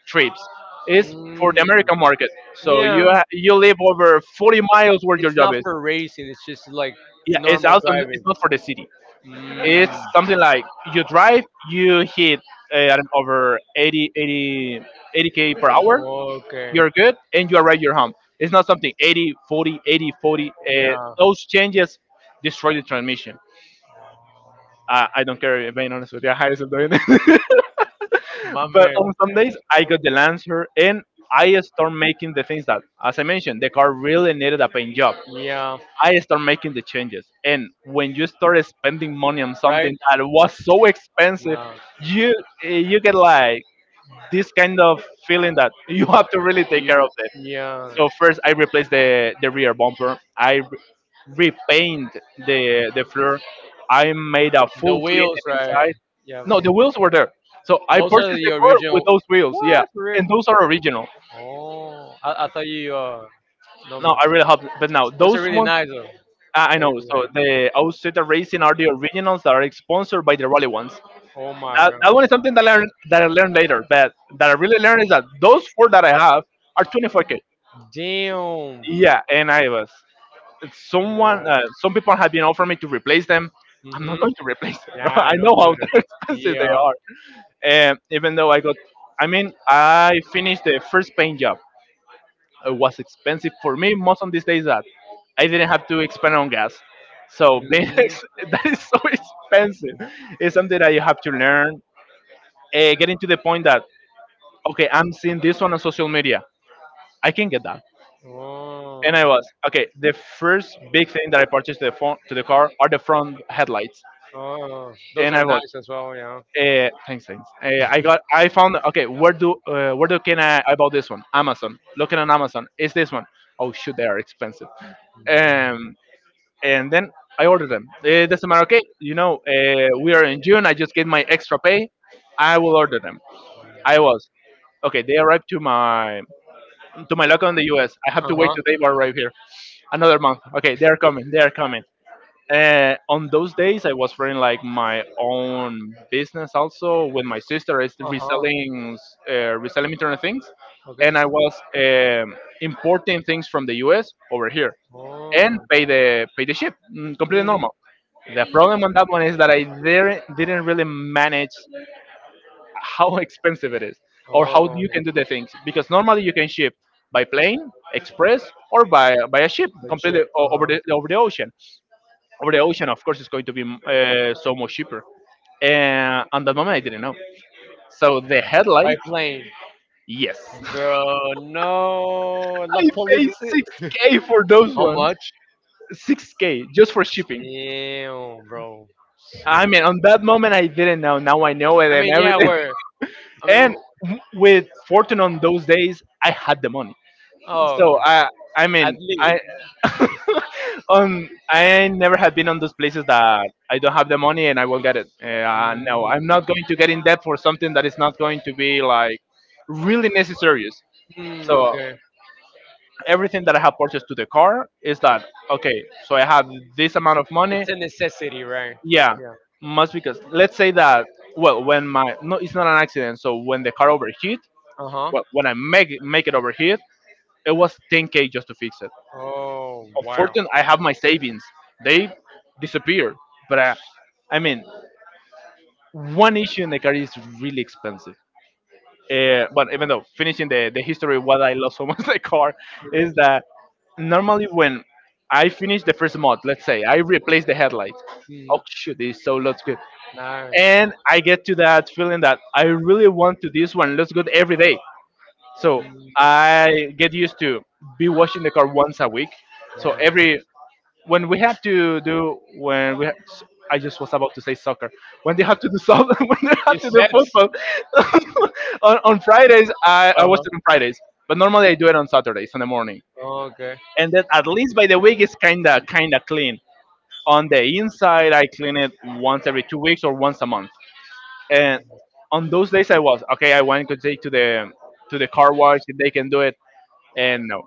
[SPEAKER 1] trips. It's for
[SPEAKER 2] Mm.
[SPEAKER 1] the American market. So
[SPEAKER 2] Yeah,
[SPEAKER 1] you ha- you live over forty miles where your
[SPEAKER 2] it's
[SPEAKER 1] job
[SPEAKER 2] not
[SPEAKER 1] is.
[SPEAKER 2] for racing. It's just like
[SPEAKER 1] Yeah, it's
[SPEAKER 2] normal
[SPEAKER 1] also,
[SPEAKER 2] driving.
[SPEAKER 1] it's not for the city.
[SPEAKER 2] Mm.
[SPEAKER 1] It's something like you drive, you hit uh, I don't know, over eighty, eighty, eighty k per hour,
[SPEAKER 2] Okay.
[SPEAKER 1] you're good and you arrive your home. It's not something eighty forty, eighty forty. Uh,
[SPEAKER 2] Yeah.
[SPEAKER 1] those changes destroy the transmission. Uh, I don't care, if being honest with you. I highest of doing it.
[SPEAKER 2] My
[SPEAKER 1] but
[SPEAKER 2] man.
[SPEAKER 1] on some days, I got the Lancer and I start making the things that, as I mentioned, the car really needed a paint job.
[SPEAKER 2] Yeah.
[SPEAKER 1] I start making the changes. And when you start spending money on
[SPEAKER 2] Right.
[SPEAKER 1] something that was so expensive,
[SPEAKER 2] Yeah.
[SPEAKER 1] you eh, you get like this kind of feeling that you have to really take care
[SPEAKER 2] You,
[SPEAKER 1] of,
[SPEAKER 2] yeah,
[SPEAKER 1] so first I replaced the the rear bumper. I re- repaint the the floor. I made a
[SPEAKER 2] the
[SPEAKER 1] full clean
[SPEAKER 2] wheels, right?
[SPEAKER 1] inside.
[SPEAKER 2] Yeah, I've
[SPEAKER 1] No, the
[SPEAKER 2] seen.
[SPEAKER 1] wheels were there. So I
[SPEAKER 2] Those are
[SPEAKER 1] purchased
[SPEAKER 2] the
[SPEAKER 1] the car with
[SPEAKER 2] original.
[SPEAKER 1] those wheels. Yeah,
[SPEAKER 2] What for real?
[SPEAKER 1] and those are original.
[SPEAKER 2] Oh, I, I thought you uh
[SPEAKER 1] No,
[SPEAKER 2] number.
[SPEAKER 1] I really hope. But now
[SPEAKER 2] Those are
[SPEAKER 1] those
[SPEAKER 2] really
[SPEAKER 1] ones,
[SPEAKER 2] nice though.
[SPEAKER 1] I I
[SPEAKER 2] I
[SPEAKER 1] know.
[SPEAKER 2] really like
[SPEAKER 1] So
[SPEAKER 2] them.
[SPEAKER 1] the Auseta Racing are the originals that are sponsored by the rally ones.
[SPEAKER 2] Oh my
[SPEAKER 1] That, that
[SPEAKER 2] god.
[SPEAKER 1] one is something that I learned that I learned later. But that I really learned is that those four that I have are twenty-four K.
[SPEAKER 2] Damn.
[SPEAKER 1] Yeah, and I was.
[SPEAKER 2] Wow.
[SPEAKER 1] someone uh, some people have been offering me to replace them. I'm not
[SPEAKER 2] Mhm.
[SPEAKER 1] going to replace them, bro.
[SPEAKER 2] Yeah,
[SPEAKER 1] I know
[SPEAKER 2] don't do
[SPEAKER 1] how
[SPEAKER 2] it.
[SPEAKER 1] expensive they
[SPEAKER 2] Yeah.
[SPEAKER 1] are, and even though I got, I mean, I finished the first paint job. It was expensive for me most on these days that I didn't have to expend on gas, so being
[SPEAKER 2] Mhm.
[SPEAKER 1] ex- that is so expensive. It's something that you have to learn, uh, getting to the point that, okay, I'm seeing this one on social media, I can get that. And I
[SPEAKER 2] Oh.
[SPEAKER 1] was okay. The first big thing that I purchased to the phone to the car are the front headlights.
[SPEAKER 2] Oh, those
[SPEAKER 1] And
[SPEAKER 2] are
[SPEAKER 1] I was.
[SPEAKER 2] nice as well, yeah.
[SPEAKER 1] Uh, thanks, thanks. Uh, I got. I found. Okay, where do uh, where do can I, I bought this one? Amazon. Looking on Amazon. Is this one? Oh shoot, they are expensive. Um, and then I ordered them. Eh, It doesn't matter. Okay, you know, uh, we are in June. I just get my extra pay. I will order them. I was okay. They arrived to my to my local in the U. S. I have
[SPEAKER 2] Uh
[SPEAKER 1] to wait
[SPEAKER 2] huh.
[SPEAKER 1] till they arrive here. Another month. Okay, they are coming. They are coming. Uh, on those days I was running like my own business also with my sister is
[SPEAKER 2] Uh huh.
[SPEAKER 1] reselling uh, reselling internet things, and
[SPEAKER 2] Okay.
[SPEAKER 1] I was um, importing things from the us over here, and
[SPEAKER 2] Oh.
[SPEAKER 1] pay the pay the ship. Mm, completely
[SPEAKER 2] Hmm.
[SPEAKER 1] normal. The problem on that one is that I didn't didn't really manage how expensive it is, or how
[SPEAKER 2] Oh,
[SPEAKER 1] you can do the things because normally you can ship by plane express, or by by a ship
[SPEAKER 2] the
[SPEAKER 1] completely
[SPEAKER 2] chip.
[SPEAKER 1] o-
[SPEAKER 2] Uh
[SPEAKER 1] over
[SPEAKER 2] huh.
[SPEAKER 1] the over the ocean. Over the ocean, of course, it's going to be uh, so much cheaper. And at that moment, I didn't know. So the headlights,
[SPEAKER 2] By plane,
[SPEAKER 1] yes, I
[SPEAKER 2] bro. No, la police.
[SPEAKER 1] paid six k for those
[SPEAKER 2] How
[SPEAKER 1] ones,
[SPEAKER 2] much?
[SPEAKER 1] six k just for shipping.
[SPEAKER 2] Damn, bro.
[SPEAKER 1] I
[SPEAKER 2] I
[SPEAKER 1] mean, on that moment, I didn't know. Now I know it and
[SPEAKER 2] mean, yeah,
[SPEAKER 1] everything.
[SPEAKER 2] we're. I mean,
[SPEAKER 1] And with fortune on those days, I had the money. So
[SPEAKER 2] oh,
[SPEAKER 1] I, I
[SPEAKER 2] at
[SPEAKER 1] mean,
[SPEAKER 2] least.
[SPEAKER 1] I, um, I never have been on those places that I don't have the money and I will get it. Uh, no,
[SPEAKER 2] Mm,
[SPEAKER 1] I'm not going to get in debt for something that is not going to be like really necessary.
[SPEAKER 2] mm,
[SPEAKER 1] So
[SPEAKER 2] okay.
[SPEAKER 1] everything that I have purchased to the car is that okay? So I have this amount of money.
[SPEAKER 2] It's a necessity, right?
[SPEAKER 1] Yeah,
[SPEAKER 2] Yeah.
[SPEAKER 1] must because let's say that, well, when my no, it's not an accident. So when the car overheat,
[SPEAKER 2] Uh huh.
[SPEAKER 1] well, when I make make it overheat, it was ten K just to fix it.
[SPEAKER 2] Oh, wow.
[SPEAKER 1] Unfortunately, I have my savings. They disappeared. But I, I mean, one issue in the car is really expensive. Uh, but even though finishing the, the history, what I love so much the car is that normally when I finish the first mod, let's say I replace the headlight. Oh shoot, this so looks good.
[SPEAKER 2] Nice.
[SPEAKER 1] And I get to that feeling that I really want to this one looks good every day. So I get used to be washing the car once a week. So
[SPEAKER 2] Wow.
[SPEAKER 1] every when we have to do when we. Have, I just was about to say soccer. When they had to do so, when they had
[SPEAKER 2] You
[SPEAKER 1] to do
[SPEAKER 2] said.
[SPEAKER 1] football on, on Fridays, I, I
[SPEAKER 2] Uh
[SPEAKER 1] watch
[SPEAKER 2] huh.
[SPEAKER 1] it on Fridays. But normally I do it on Saturdays in the morning.
[SPEAKER 2] Okay.
[SPEAKER 1] And then at least by the week it's kinda kinda clean. On the inside, I clean it once every two weeks or once a month. And on those days, I was okay. I want to take to the to the car wash if they can do it and no.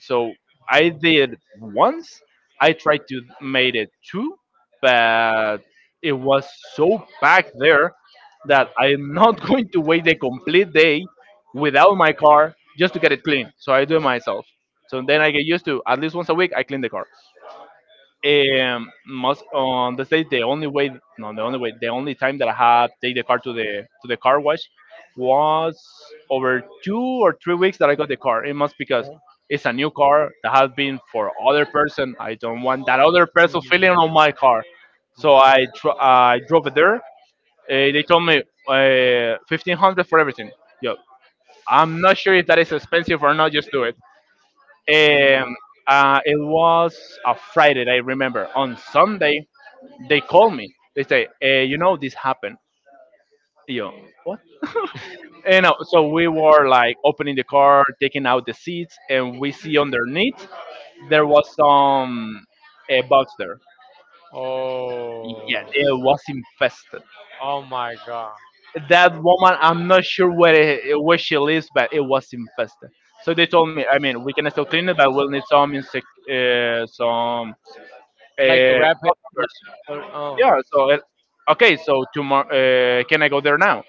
[SPEAKER 1] So I did once. I tried to made it two, but it was so packed there that I'm not going to wait the complete day without my car just to get it clean. So I do it myself. So then I get used to, at least once a week I clean the car. Um, most on the day, the only way, no, the only way, the only time that I had take the car to the to the car wash was over two or three weeks that I got the car. It must because
[SPEAKER 2] Uh-huh.
[SPEAKER 1] it's a new car that has been for other person. I don't want that other person feeling
[SPEAKER 2] Mm,
[SPEAKER 1] on my car, so I tr- I drove it there. Uh, they told me uh, fifteen hundred for everything. Yeah, I'm not sure if that is expensive or not. Just do it. Um, uh, it was a Friday, I remember. On Sunday, they call me. They say, eh, you know, this happened. You know what? And uh, so we were like opening the car, taking out the seats, and we see underneath there was some a box there.
[SPEAKER 2] mm.
[SPEAKER 1] Yeah, it was
[SPEAKER 2] Oh.
[SPEAKER 1] infested.
[SPEAKER 2] Oh my god.
[SPEAKER 1] That woman, I'm not sure where where she lives, but it was infested. So they told me, I mean, we can still clean it, but we'll need some insect, uh, some
[SPEAKER 2] Like
[SPEAKER 1] uh,
[SPEAKER 2] wrap it up
[SPEAKER 1] doctors.
[SPEAKER 2] like or oh.
[SPEAKER 1] Yeah. So uh, okay, so tomorrow, uh, can I go there now?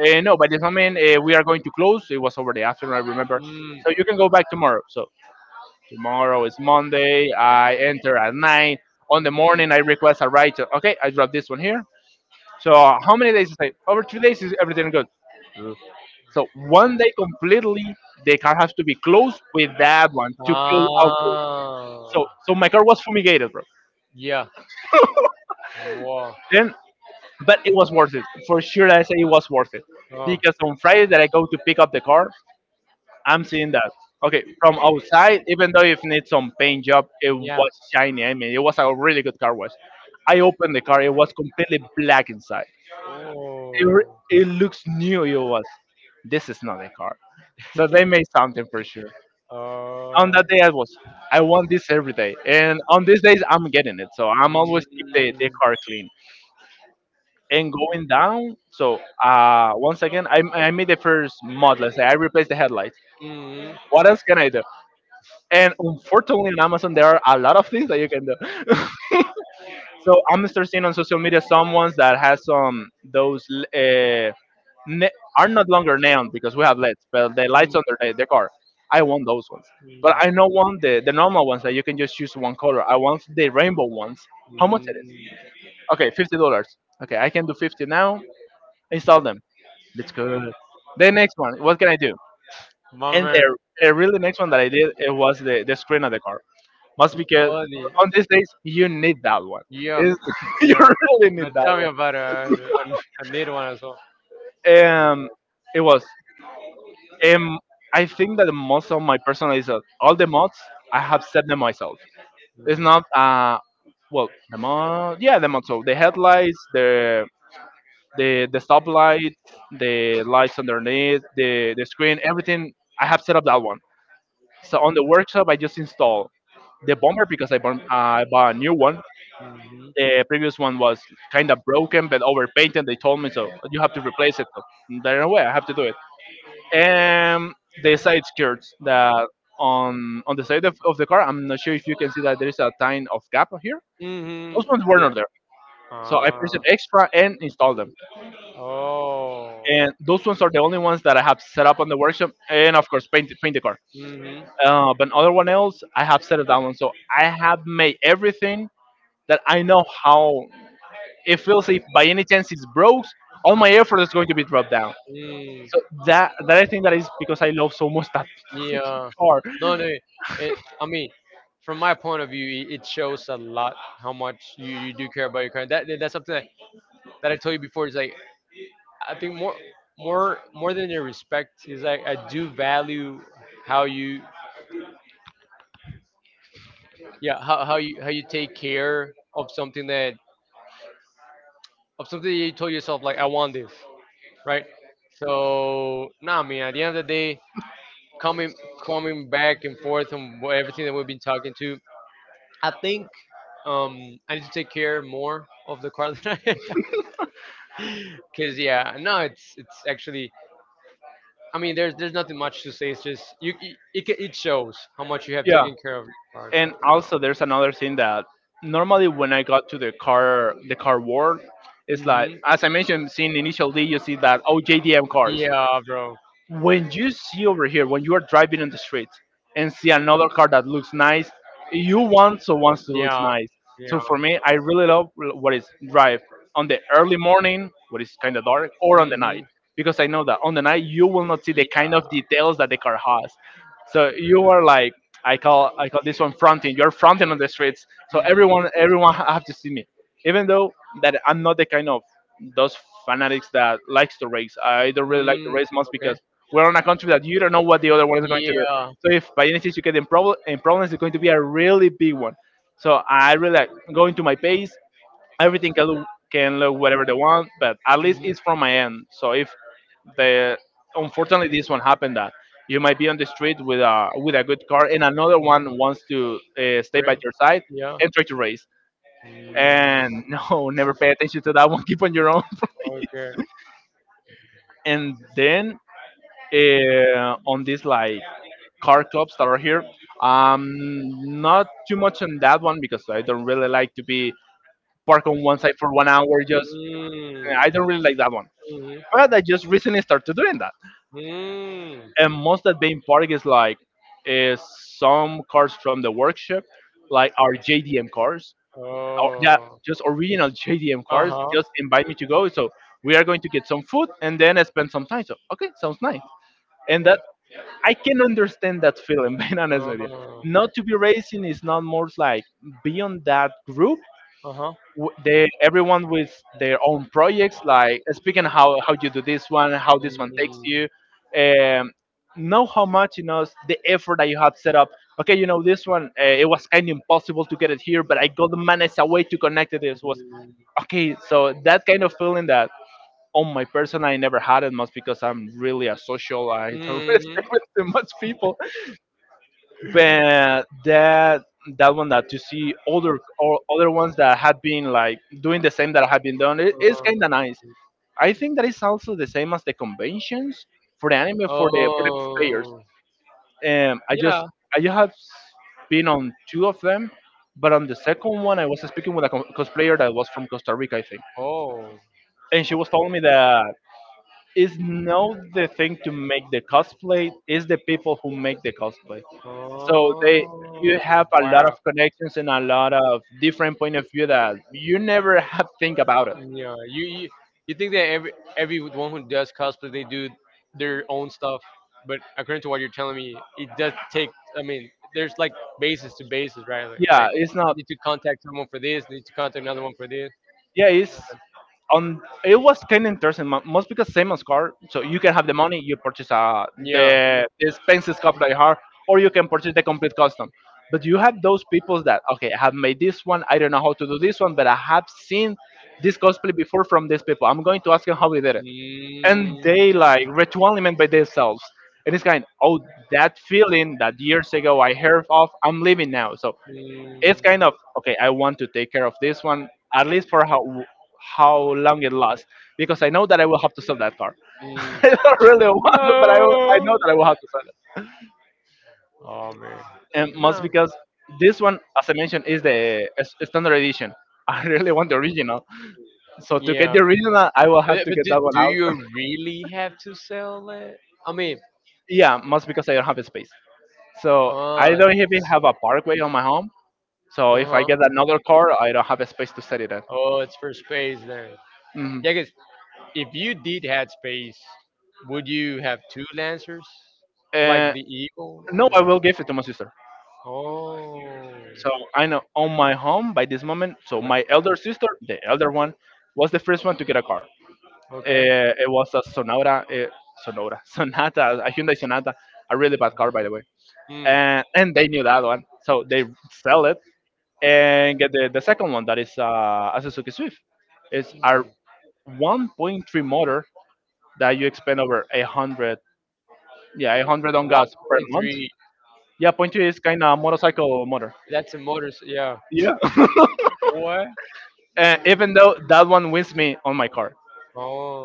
[SPEAKER 1] Uh, no, by this moment uh, we are going to close. It was over the afternoon, I remember.
[SPEAKER 2] Mm,
[SPEAKER 1] So you can go back tomorrow. So tomorrow is Monday. I enter at nine. On the
[SPEAKER 2] mm.
[SPEAKER 1] morning, I request a writer. Okay, I drop this one here. So uh, how many days is it? Over two days is everything good. So one day completely, the car has to be closed with that one to kill alcohol. So
[SPEAKER 2] Ah.
[SPEAKER 1] so my car was fumigated, bro.
[SPEAKER 2] Yeah. Wow.
[SPEAKER 1] Then, but it was worth it for sure. I say it was worth it
[SPEAKER 2] Oh.
[SPEAKER 1] because on Friday that I go to pick up the car, I'm seeing that. Okay, from outside, even though if needs some paint job, it
[SPEAKER 2] Yeah.
[SPEAKER 1] was shiny. I mean, it was a really good car wash. I opened the car; it was completely black inside. It, re-
[SPEAKER 2] Oh.
[SPEAKER 1] it looks new. It was. This is not a car. So they made something for sure. On
[SPEAKER 2] Oh.
[SPEAKER 1] that day, I was. I want this every day, and on these days, I'm getting it. So I'm always keep the, the
[SPEAKER 2] Mm,
[SPEAKER 1] car clean. And going down, so uh, once again, I, I made the first mod. Let's say I replaced the headlights.
[SPEAKER 2] mm,
[SPEAKER 1] What else can I do? And unfortunately, on Amazon, there are a lot of things that you can do. So I'm starting seeing on social media some ones that has some those uh, ne- are not longer neon because we have lights, but the
[SPEAKER 2] mm,
[SPEAKER 1] lights under the, the car. I want those ones, but I
[SPEAKER 2] mm.
[SPEAKER 1] don't want the the normal ones that you can just choose one color. I want the rainbow ones. How much
[SPEAKER 2] Mm.
[SPEAKER 1] it is? Okay, fifty dollars. Okay, I can do fifty now. Install them. That's good. The next one, what can I do? And
[SPEAKER 2] Mama,
[SPEAKER 1] the the really next one that I did, it was the the screen of the car. Must because
[SPEAKER 2] quality.
[SPEAKER 1] on these days you need that one.
[SPEAKER 2] Yeah,
[SPEAKER 1] It's, you
[SPEAKER 2] yeah.
[SPEAKER 1] really
[SPEAKER 2] Now
[SPEAKER 1] need
[SPEAKER 2] tell me
[SPEAKER 1] that
[SPEAKER 2] about it. A I need one as well.
[SPEAKER 1] one. Um, it was. Um, I think that most of my personal is uh, all the mods I have set them myself. It's
[SPEAKER 2] Mm-hmm.
[SPEAKER 1] not uh, well, the mod, yeah, the mod, so the headlights, the the the stoplight, the lights underneath the the screen, everything I have set up that one. So on the workshop I just install the bumper because I bought uh, I bought a new one. The previous one was kind of broken but overpainted. They told me, so you have to replace it. So there's no way, I have to do it. And the side skirts that on on the side of, of the car. I'm not sure if you can see that there is a tiny of gap here. Those
[SPEAKER 2] Mm-hmm.
[SPEAKER 1] ones were
[SPEAKER 2] Yeah.
[SPEAKER 1] not there. So I
[SPEAKER 2] Ah.
[SPEAKER 1] pressed extra and installed them.
[SPEAKER 2] Oh.
[SPEAKER 1] And those ones are the only ones that I have set up on the workshop, and of course paint paint the car.
[SPEAKER 2] Mm-hmm.
[SPEAKER 1] Uh, but other one else I have set it down. So I have made everything that I know how. It feels, if by any chance it's broke, all my effort is going to be dropped down.
[SPEAKER 2] Mm.
[SPEAKER 1] So that that I think that is because I love so much that
[SPEAKER 2] Yeah.
[SPEAKER 1] car.
[SPEAKER 2] No, no. It, I mean, from my point of view, it, it shows a lot how much you, you do care about your country. That that's something that, that I told you before. Is like I think more more more than the respect is like I do value how you yeah how, how you how you take care of something that of something that you told yourself like I want this right so no I mean at the end of the day coming coming back and forth on wha- everything that we've been talking to I think um I need to take care more of the car than I because yeah no it's it's actually I mean, there's there's nothing much to say. It's just you. It it, ca- it shows how much you have
[SPEAKER 1] Yeah,
[SPEAKER 2] taken care of your art. So
[SPEAKER 1] and also there's another thing that normally when I got to the car, the car world, it's
[SPEAKER 2] yeah.
[SPEAKER 1] like
[SPEAKER 2] Hmm.
[SPEAKER 1] as I mentioned, seeing initial D, you see that, oh, J D M cars.
[SPEAKER 2] Yeah, bro.
[SPEAKER 1] When you see over here, when you are driving on the street and see another car that looks nice, you want, so wants to look
[SPEAKER 2] Yeah.
[SPEAKER 1] nice. So
[SPEAKER 2] Yeah.
[SPEAKER 1] for me, I really love what is drive on the early morning, what is kind of dark, or on the night,
[SPEAKER 2] Hmm.
[SPEAKER 1] because I know that on the night you will not see the kind of
[SPEAKER 2] Yeah.
[SPEAKER 1] details that the car has. So you are like, i call i call this one fronting. You're fronting on the streets, so
[SPEAKER 2] Mm-hmm.
[SPEAKER 1] everyone, everyone ha- have to see me, even though that I'm not the kind of those fanatics that likes to race. I don't really like to race much,
[SPEAKER 2] Okay.
[SPEAKER 1] because we're on a country that you don't know what the other one is going to do.
[SPEAKER 2] Yeah.
[SPEAKER 1] So if by any chance you get in, prob- in problems, it's going to be a really big one. So I really like going to my pace. Everything can look, can look whatever they want, but at least
[SPEAKER 2] Mhm.
[SPEAKER 1] it's from my end. So if the unfortunately this one happened, that you might be on the street with a with a good car and another
[SPEAKER 2] Uh-huh.
[SPEAKER 1] one wants to uh, stay by
[SPEAKER 2] Great.
[SPEAKER 1] your side
[SPEAKER 2] Yeah.
[SPEAKER 1] and try to race, and no, never pay attention to that one, keep on your own.
[SPEAKER 2] Okay.
[SPEAKER 1] And then uh, on this like car clubs that are here. Um, Not too much on that one, because I don't really like to be parked on one side for one hour. Just,
[SPEAKER 2] Mm.
[SPEAKER 1] I don't really like that one. But I just recently started doing that.
[SPEAKER 2] Mm.
[SPEAKER 1] And most that being parked is like, is some cars from the workshop, like our J D M cars,
[SPEAKER 2] Mm.
[SPEAKER 1] or yeah,
[SPEAKER 2] Oh.
[SPEAKER 1] just original J D M
[SPEAKER 2] Uh
[SPEAKER 1] cars.
[SPEAKER 2] huh.
[SPEAKER 1] Just invite me to go. So, we are going to get some food and then spend some time. So okay, sounds nice. And that, I can understand that feeling, being honest with you. Not to be racing, is not more like be on that group.
[SPEAKER 2] Uh huh.
[SPEAKER 1] w- They, everyone with their own projects, like speaking how, how you do this one, how this one takes
[SPEAKER 2] Mm-hmm.
[SPEAKER 1] you. Um, know how much you know the effort that you had set up. Okay, you know this one, uh, it was kind of impossible to get it here, but I got to manage a way to connect it. This was okay. So that kind of feeling that on my person I never had it much, because I'm really a social. I don't really stay with too much people, but that that one that you see other or other ones that had been like doing the same, that had been done, it is kind of nice. I think that is also the same as the conventions for the anime, for the for the players.
[SPEAKER 2] Oh.
[SPEAKER 1] um i just
[SPEAKER 2] Yeah.
[SPEAKER 1] i just have been on two of them, but on the second one I was speaking with a co- cosplayer that was from Costa Rica, I think,
[SPEAKER 2] Oh.
[SPEAKER 1] and she was telling me that it's not the thing to make the cosplay, it's the people who make the cosplay. So they, you have
[SPEAKER 2] Oh.
[SPEAKER 1] a lot of
[SPEAKER 2] Wow.
[SPEAKER 1] connections and a lot of different point of view that you never have think about it.
[SPEAKER 2] Yeah, you you, you think that every everyone who does cosplay they do their own stuff, but according to what you're telling me, it does take. I mean, there's like basis to basis, right? Like,
[SPEAKER 1] Yeah,
[SPEAKER 2] like
[SPEAKER 1] it's not.
[SPEAKER 2] you need to contact someone for this, you need to contact another one for this.
[SPEAKER 1] Yeah, it's on. It was kind of interesting. mo- Most because same as car, so you can have the money, you purchase uh,
[SPEAKER 2] Yeah.
[SPEAKER 1] the, the expensive car that you have, or you can purchase the complete custom. But you have those people that, okay, I have made this one. I don't know how to do this one, but I have seen this cosplay before from these people. I'm going to ask them how they did it, and
[SPEAKER 2] Mm,
[SPEAKER 1] they like ritually meant by themselves. And it's kind, oh, that feeling that years ago I heard of, I'm living now. So it's kind of okay, I want to take care of this one at least for how how long it lasts because I know that I will have to sell that car.
[SPEAKER 2] mm,
[SPEAKER 1] I don't really want to, but I will- I
[SPEAKER 2] mm.
[SPEAKER 1] know that I will have to sell it.
[SPEAKER 2] Oh man,
[SPEAKER 1] And most
[SPEAKER 2] no.
[SPEAKER 1] because this one, as I mentioned, is the s- standard edition. I really want the original. So to get
[SPEAKER 2] Yeah.
[SPEAKER 1] the original, I will
[SPEAKER 2] But,
[SPEAKER 1] have
[SPEAKER 2] yeah,
[SPEAKER 1] to
[SPEAKER 2] but
[SPEAKER 1] get
[SPEAKER 2] do,
[SPEAKER 1] that one
[SPEAKER 2] do you
[SPEAKER 1] out.
[SPEAKER 2] really have to sell it? I mean,
[SPEAKER 1] Yeah, most because I don't have the space. So I
[SPEAKER 2] uh,
[SPEAKER 1] don't even have a parkway on my home. So if I
[SPEAKER 2] uh-huh.
[SPEAKER 1] get another car, I don't have a space to set it at.
[SPEAKER 2] Oh, it's for space then.
[SPEAKER 1] Mhm.
[SPEAKER 2] Yeah, because if you did had space, would you have two lancers? Like
[SPEAKER 1] Uh,
[SPEAKER 2] the eagle?
[SPEAKER 1] no,
[SPEAKER 2] And
[SPEAKER 1] I will
[SPEAKER 2] the-
[SPEAKER 1] give it to my sister.
[SPEAKER 2] Oh.
[SPEAKER 1] So I know on my home by this moment. So my
[SPEAKER 2] Okay.
[SPEAKER 1] elder sister, the elder one, was the first one to get a car.
[SPEAKER 2] Okay.
[SPEAKER 1] Uh, it was a Sonora, uh, Sonora, Sonata, a Hyundai Sonata, a really bad car by the way.
[SPEAKER 2] Hmm.
[SPEAKER 1] And and they knew that one, so they sell it and get the, the second one that is uh, a Suzuki Swift. It's our one point three motor that you expend over a hundred, yeah, a hundred on gas per month.
[SPEAKER 2] one point three.
[SPEAKER 1] Yeah, point two is kind of motorcycle motor.
[SPEAKER 2] That's a motor. Yeah.
[SPEAKER 1] Yeah.
[SPEAKER 2] What?
[SPEAKER 1] And even though that one wins me on my car,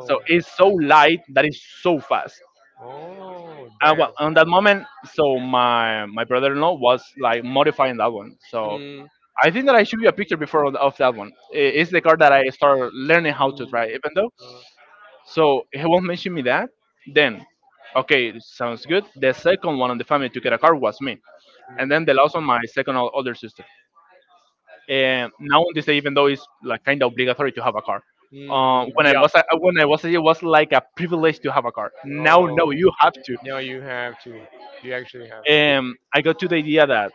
[SPEAKER 1] so it's so light that it's so fast.
[SPEAKER 2] Oh,
[SPEAKER 1] And well,
[SPEAKER 2] damn.
[SPEAKER 1] on that moment, so my my brother-in-law was like modifying that one. So
[SPEAKER 2] Mm,
[SPEAKER 1] I think that I should be a picture before of of that one. I- It's the car that I start learning how to
[SPEAKER 2] mm,
[SPEAKER 1] drive. Even though,
[SPEAKER 2] Uh,
[SPEAKER 1] so he won't mention me that. Then, okay, sounds good. The second one on the family to get a car was me. And
[SPEAKER 2] mm,
[SPEAKER 1] then the laws on my second o- older sister. And now on this day, even though it's like kind of obligatory to have a car,
[SPEAKER 2] mm,
[SPEAKER 1] um, when I
[SPEAKER 2] yeah.
[SPEAKER 1] was a, when I was a, it was like a privilege to have a car. Now
[SPEAKER 2] No,
[SPEAKER 1] no, you have to.
[SPEAKER 2] no, you have to. You actually have
[SPEAKER 1] And I got to the idea that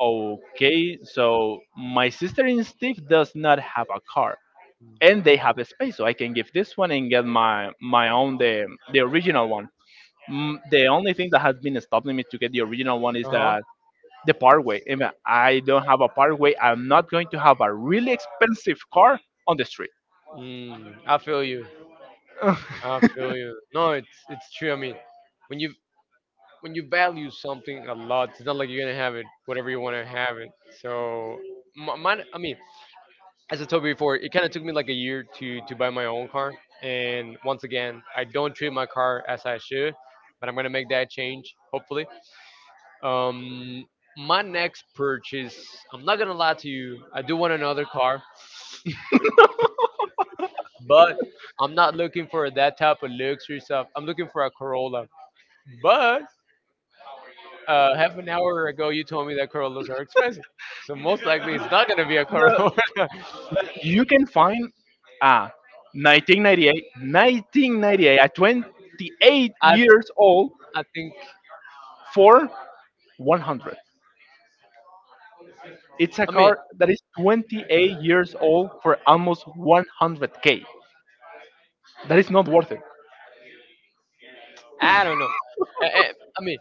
[SPEAKER 1] okay, so my sister in Steve does not have a car, and they
[SPEAKER 2] to.
[SPEAKER 1] have a space, so I can give this one and get my my own the the original one. Mm, the only thing that has been stopping me to get the original one is
[SPEAKER 2] Uh huh.
[SPEAKER 1] that the parkway. If I don't have a parkway, I'm not going to have a really expensive car on the street.
[SPEAKER 2] Mm, I feel you. I feel you. No, it's it's true. I mean, when you when you value something a lot, it's not like you're gonna have it whatever you want to have it. So, my, mine I mean, as I told you before, it kind of took me like a year to to buy my own car. And once again, I don't treat my car as I should, but I'm gonna make that change hopefully. Um, my next purchase, I'm not gonna lie to you, I do want another car, but I'm not looking for that type of luxury stuff. I'm looking for a Corolla. But uh, half an hour ago, you told me that Corollas are expensive, so most likely it's not gonna be a
[SPEAKER 1] The-
[SPEAKER 2] Corolla.
[SPEAKER 1] you can find a nineteen ninety-eight nineteen ninety-eight, a twenty-eight
[SPEAKER 2] I
[SPEAKER 1] years old
[SPEAKER 2] I think
[SPEAKER 1] for one hundred. It's a
[SPEAKER 2] I mean
[SPEAKER 1] car that is twenty-eight years old for almost one hundred k. That is not worth it.
[SPEAKER 2] I don't know. I, I I mean,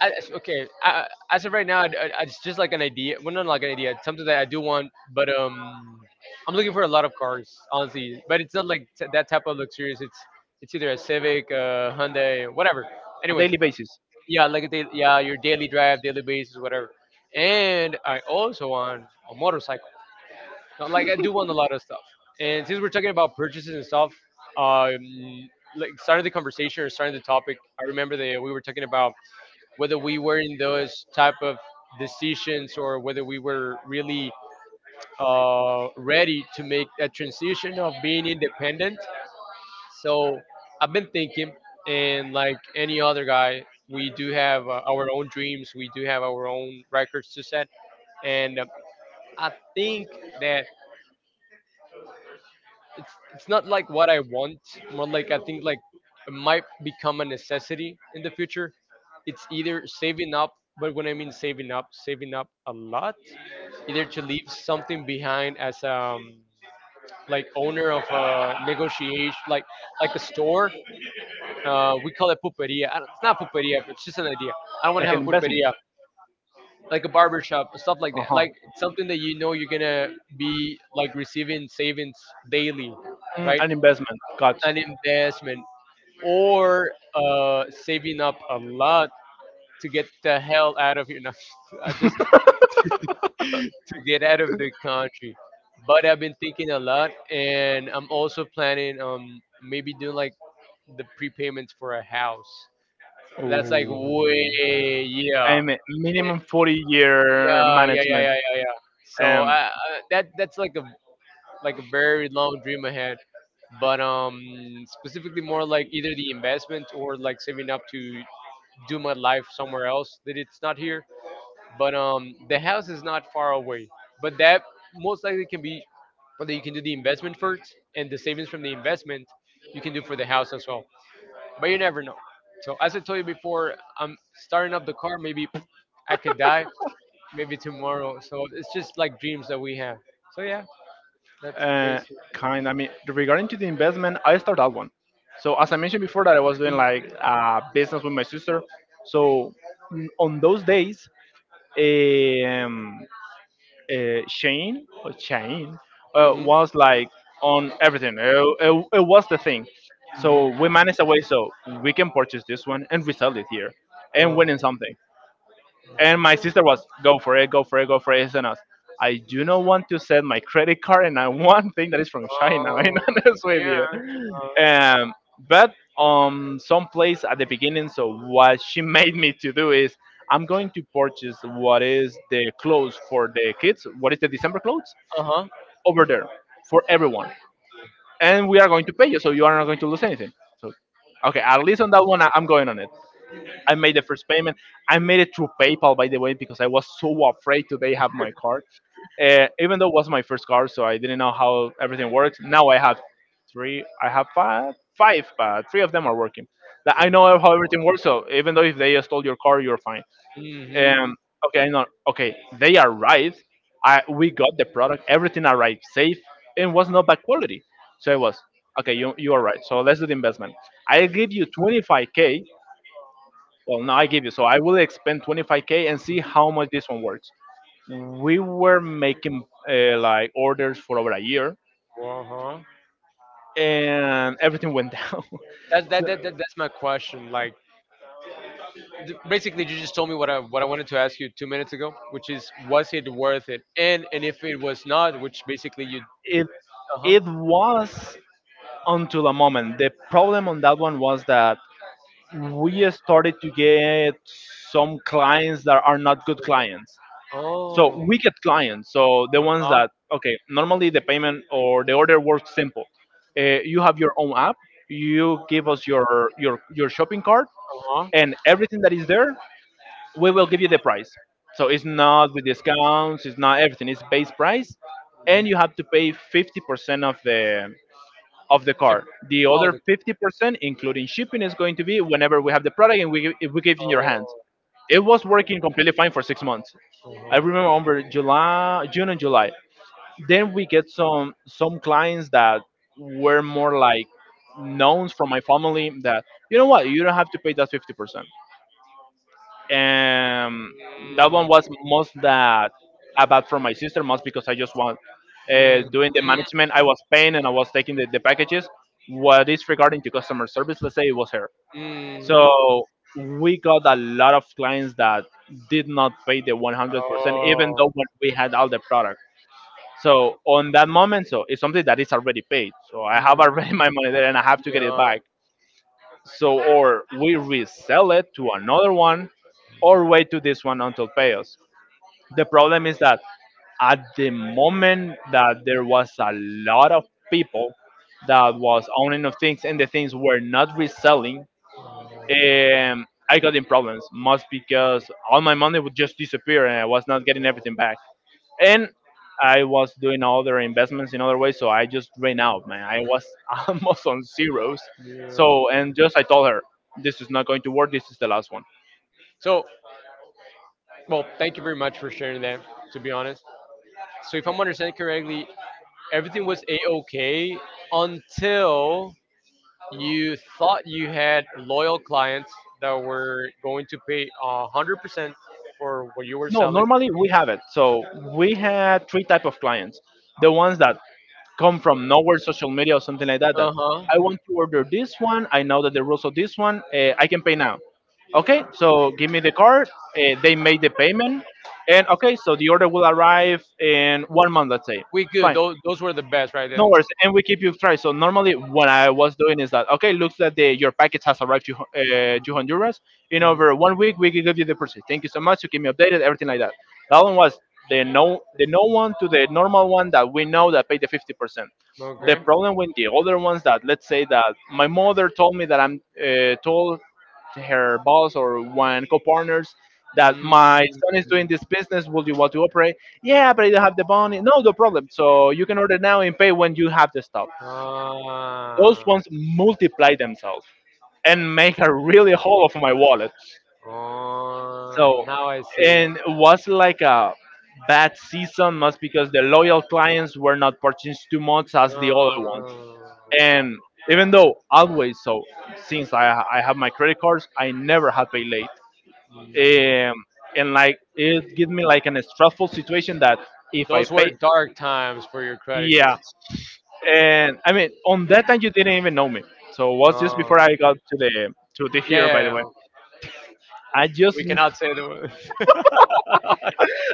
[SPEAKER 2] I, it's- okay, I, as of right now, I, I- it's just like an idea. Well, not like an idea. It's something that I do want, but um, I'm looking for a lot of cars, honestly. But it's not like t- that type of luxurious. It's it's either a Civic, uh, Hyundai, whatever.
[SPEAKER 1] A
[SPEAKER 2] Anyways,
[SPEAKER 1] daily basis.
[SPEAKER 2] yeah, like a daily, yeah, your daily drive, daily basis, whatever. And I also want a motorcycle. Now, like I do want a lot of stuff. And since we're talking about purchases and stuff, um, like starting the conversation or starting the topic, I remember that we were talking about whether we were in those type of decisions or whether we were really uh, ready to make a transition of being independent. So I've been thinking, and like any other guy, we do have uh, our own dreams, we do have our own records to set, and um, I think that it's it's not like what I want, more like I think like it might become a necessity in the future. It's either saving up, but when I mean saving up, saving up a lot, either to leave something behind as um like owner of a negotiation like like a store. Uh, we call it pulperia. I don't- It's not pulperia, but it's just an idea. I don't want to
[SPEAKER 1] Like
[SPEAKER 2] have
[SPEAKER 1] an
[SPEAKER 2] a
[SPEAKER 1] investment.
[SPEAKER 2] pulperia, like a barber shop, stuff like that. Like
[SPEAKER 1] Uh
[SPEAKER 2] something that you know you're gonna be like receiving savings daily,
[SPEAKER 1] Mm,
[SPEAKER 2] right?
[SPEAKER 1] an investment. Got
[SPEAKER 2] An investment or uh, saving up a lot to get the hell out of here. No, I just to get out of the country. But I've been thinking a lot, and I'm also planning um maybe doing like the prepayments for a house. That's like
[SPEAKER 1] Ooh.
[SPEAKER 2] way yeah.
[SPEAKER 1] I'm a
[SPEAKER 2] Eh,
[SPEAKER 1] minimum forty year
[SPEAKER 2] yeah yeah yeah
[SPEAKER 1] management.
[SPEAKER 2] yeah yeah. Yeah. So
[SPEAKER 1] Um,
[SPEAKER 2] I, I that that's like a like a very long dream ahead but um specifically more like either the investment or like saving up to do my life somewhere else that it's not here. But um, the house is not far away. But that most likely can be whether you can do the investment first and the savings from the investment you can do for the house as well. But you never know. So as I told you before, I'm starting up the car. Maybe I could die. Maybe tomorrow. So it's just like dreams that we have. So yeah, that's
[SPEAKER 1] uh,
[SPEAKER 2] basically.
[SPEAKER 1] Kind. I mean, regarding to the investment, I start that one. So as I mentioned before, that I was doing like uh, business with my sister. So mm, on those days, um, uh, Shane or Shane uh,
[SPEAKER 2] Mm-hmm.
[SPEAKER 1] was like on everything. It, it, it was the thing. So we managed a way so we can purchase this one and resell it here and
[SPEAKER 2] Oh,
[SPEAKER 1] winning something. And my sister was, go for it, go for it, go for it. And us, I do not want to send my credit card and I want thing that is from China,
[SPEAKER 2] oh,
[SPEAKER 1] I'm honest with you.
[SPEAKER 2] yeah.
[SPEAKER 1] Um, but um, some place at the beginning, so what she made me to do is, I'm going to purchase what is the clothes for the kids, what is the December clothes,
[SPEAKER 2] Uh huh.
[SPEAKER 1] over there for everyone. And we are going to pay you, so you are not going to lose anything. So, okay, at least on that one, I- I'm going on it. I made the first payment. I made it through PayPal, by the way, because I was so afraid today have my card. Uh, even though it was my first car, so I didn't know how everything works. Now I have three, I have five, five, but three of them are working. Like, I know how everything works, so even though if they stole your car, you're fine.
[SPEAKER 2] Mm-hmm.
[SPEAKER 1] Um, okay, no, okay, they arrived. I We got the product, everything arrived safe, and was not bad quality. So I was okay. You you are right. So let's do the investment. I give you twenty-five k well, now I give you. So I will expend twenty-five k and see how much this one works. We were making uh, like orders for over a year,
[SPEAKER 2] Uh huh.
[SPEAKER 1] and everything went down.
[SPEAKER 2] That's
[SPEAKER 1] So
[SPEAKER 2] that, that, that that's my question. Like, th- basically, you just told me what I what I wanted to ask you two minutes ago, which is, was it worth it? And and if it was not, which basically you,
[SPEAKER 1] it
[SPEAKER 2] uh huh,
[SPEAKER 1] it was until a moment. The problem on that one was that we started to get some clients that are not good clients. So
[SPEAKER 2] oh, uh
[SPEAKER 1] we get clients, so the ones
[SPEAKER 2] huh,
[SPEAKER 1] that okay, normally the payment or the order works simple. Uh, you have your own app. You give us your your your shopping cart
[SPEAKER 2] uh huh,
[SPEAKER 1] and everything that is there. We will give you the price. So it's not with discounts. It's not everything. It's base price, and you have to pay fifty percent of the of the car. The
[SPEAKER 2] oh,
[SPEAKER 1] other
[SPEAKER 2] the,
[SPEAKER 1] fifty percent, including shipping, is going to be whenever we have the product and we give- if we give it in your hands.
[SPEAKER 2] oh,
[SPEAKER 1] It was working completely fine for six months. I
[SPEAKER 2] uh-huh.
[SPEAKER 1] remember over July, June and July. Then we get some some clients that were more like knowns from my family that you know what you don't have to pay that fifty percent. And that one was most that about from my sister, most because I just want
[SPEAKER 2] Mm,
[SPEAKER 1] uh,
[SPEAKER 2] mm,
[SPEAKER 1] doing the
[SPEAKER 2] mm,
[SPEAKER 1] management. I was paying and I was taking the, the packages. What is regarding to customer service? Let's say it was her.
[SPEAKER 2] mhm.
[SPEAKER 1] So we got a lot of clients that did not pay the one hundred percent, even
[SPEAKER 2] Oh,
[SPEAKER 1] though when we had all the product. So on that moment, so it's something that is already paid. So I have
[SPEAKER 2] mm,
[SPEAKER 1] already my money there and I have to get it
[SPEAKER 2] yeah,
[SPEAKER 1] back. So or we resell it to another one or wait to this one until pay us. The problem is that at the moment that there was a lot of people that was owning of things and the things were not reselling, um, I got in problems, most because all my money would just disappear and I was not getting everything back. And I was doing other investments in other ways, so I just ran out, man. I was almost on zeros.
[SPEAKER 2] yeah.
[SPEAKER 1] So, and just I told her, this is not going to work, this is the last one.
[SPEAKER 2] So, well, thank you very much for sharing that. To be honest, so if I'm understanding correctly, everything was a okay until you thought you had loyal clients that were going to pay a hundred percent for what you were
[SPEAKER 1] No,
[SPEAKER 2] selling.
[SPEAKER 1] normally we have it. So we had three type of clients. The ones that come from nowhere, social media or something like that. That
[SPEAKER 2] Uh huh.
[SPEAKER 1] I want to order this one. I know that the rules of this one. Uh, I can pay now. Okay, so give me the card. Uh, they made the payment, and okay, so the order will arrive in one month, let's say.
[SPEAKER 2] We good.
[SPEAKER 1] Fine.
[SPEAKER 2] Those those were the best, right?
[SPEAKER 1] No
[SPEAKER 2] Then.
[SPEAKER 1] worries, and we keep you try. So normally, what I was doing is that okay, looks that the, your package has arrived to Hon- uh, to Honduras. In
[SPEAKER 2] Mm,
[SPEAKER 1] over one week, we can give you the purchase. Thank you so much. You keep me updated, everything like that. That one was the no the no one to the normal one that we know that paid the fifty percent. The
[SPEAKER 2] okay.
[SPEAKER 1] problem with the other ones that let's say that my mother told me that I'm uh, told her boss or one co-partners that my
[SPEAKER 2] Mm,
[SPEAKER 1] son is doing this business. Would you want to operate? Yeah, but I don't have the money. No, no problem. So you can order now and pay when you have the stuff. Those
[SPEAKER 2] ah,
[SPEAKER 1] ones multiply themselves and make a really hole of my wallet.
[SPEAKER 2] oh,
[SPEAKER 1] So,
[SPEAKER 2] now I see.
[SPEAKER 1] and it was like a bad season, must because the loyal clients were not purchasing too much as the other ones.
[SPEAKER 2] Oh,
[SPEAKER 1] And even though always so, since I I have my credit cards, I never have paid late.
[SPEAKER 2] I see.
[SPEAKER 1] um, and like it gives me like an stressful situation that if I
[SPEAKER 2] Those were
[SPEAKER 1] pay,
[SPEAKER 2] dark times for your credit
[SPEAKER 1] yeah.
[SPEAKER 2] cards.
[SPEAKER 1] And I mean, on that time you didn't even know me, so it was just
[SPEAKER 2] Oh,
[SPEAKER 1] before I got to the to the
[SPEAKER 2] yeah,
[SPEAKER 1] here.
[SPEAKER 2] yeah,
[SPEAKER 1] By the way,
[SPEAKER 2] yeah.
[SPEAKER 1] I
[SPEAKER 2] We
[SPEAKER 1] just
[SPEAKER 2] cannot say the word.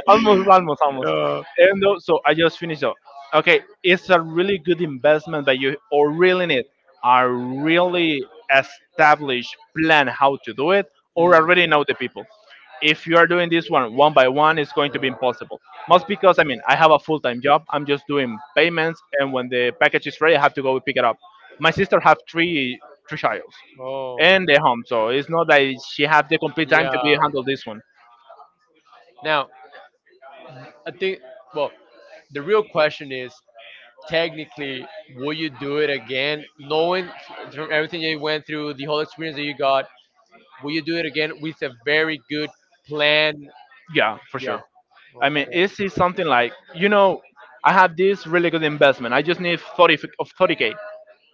[SPEAKER 1] almost, almost, almost.
[SPEAKER 2] Uh,
[SPEAKER 1] And though, so I just finished up. Okay, it's a really good investment that you or really need a really established plan how to do it or
[SPEAKER 2] Mm.
[SPEAKER 1] already know the people. If you are doing this one one by one, it's going to
[SPEAKER 2] Uh,
[SPEAKER 1] be impossible. Most because I mean I have a full time job. I'm just doing payments, and when the package is ready, I have to go pick it up. My sister have three three childs
[SPEAKER 2] oh,
[SPEAKER 1] and they're home, so it's not that she have the complete time to be
[SPEAKER 2] yeah.
[SPEAKER 1] handle this one.
[SPEAKER 2] Now, I think, well, the real question is technically, will you do it again? Knowing from everything you went through, the whole experience that you got, will you do it again with a very good plan?
[SPEAKER 1] Yeah, for
[SPEAKER 2] Yeah.
[SPEAKER 1] sure. I mean,
[SPEAKER 2] Okay.
[SPEAKER 1] is it something like you know, I have this really good investment. I just need thirty f- of thirty k.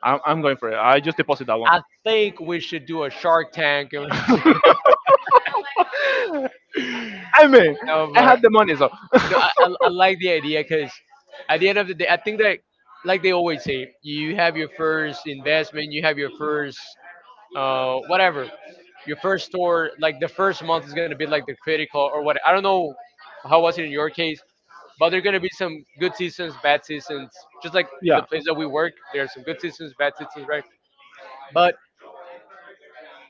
[SPEAKER 1] I'm, I'm going for it. I just deposit that one.
[SPEAKER 2] I think we should do a Shark Tank.
[SPEAKER 1] I mean,
[SPEAKER 2] No,
[SPEAKER 1] I have
[SPEAKER 2] but
[SPEAKER 1] the money, so
[SPEAKER 2] no, I, I, I like the idea because at the end of the day, I think that, like they always say, you have your first investment, you have your first uh, whatever. Your first store, like the first month, is gonna be like the critical or what. I don't know how was it in your case, but there are gonna be some good seasons, bad seasons. Just like in the
[SPEAKER 1] yeah.
[SPEAKER 2] place that we work, there are some good seasons, bad seasons, right? But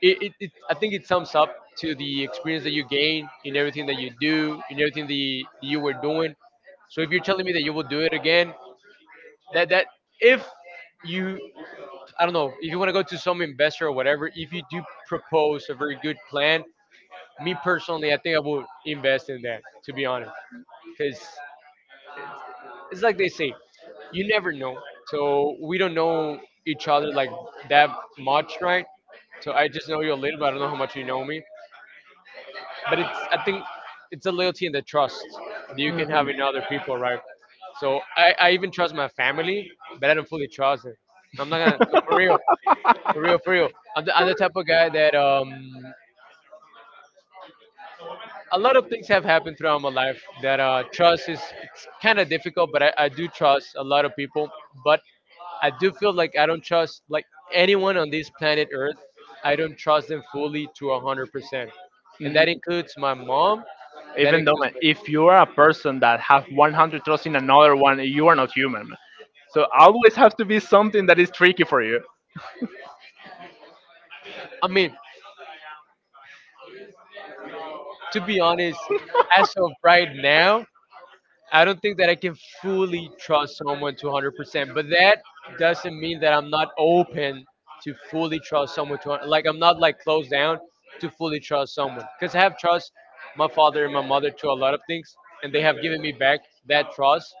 [SPEAKER 2] it, it, it I think it sums up to the experience that you gain in everything that you do, in everything that you, you were doing. So if you're telling me that you will do it again, that that if you I don't know if you want to go to some investor or whatever, if you do propose a very good plan, me personally, I think I would invest in that, to be honest, because it's, it's like they say,
[SPEAKER 1] If
[SPEAKER 2] you
[SPEAKER 1] I
[SPEAKER 2] never know.
[SPEAKER 1] don't
[SPEAKER 2] So we don't know each other like that much, right? So I just know you a little, but I don't know how much you know me. But it's I think it's the loyalty and the trust that you can have in other people, right? So I, I even trust my family, but I don't fully trust it. I'm not gonna no, for real, for real, for real. I'm the, I'm the type of guy that um a lot of things have happened throughout my life that uh, trust is it's kind of difficult, but I, I do trust a lot of people. But I do feel like I don't trust like anyone on this planet Earth. I don't trust them fully to a hundred percent, and
[SPEAKER 1] Mm,
[SPEAKER 2] that includes my mom. That
[SPEAKER 1] even though,
[SPEAKER 2] includes.
[SPEAKER 1] man, if you are a person that have one hundred trust in another one, you are not human, man. So, always have to be something that is tricky for you.
[SPEAKER 2] I mean, to be honest, as of right now, I don't think that I can fully trust someone to one hundred percent, but that doesn't mean that I'm not open to fully trust someone to like I'm not like closed down to fully trust someone cuz I have trust my father and my mother to a lot of things and they have given me back that trust,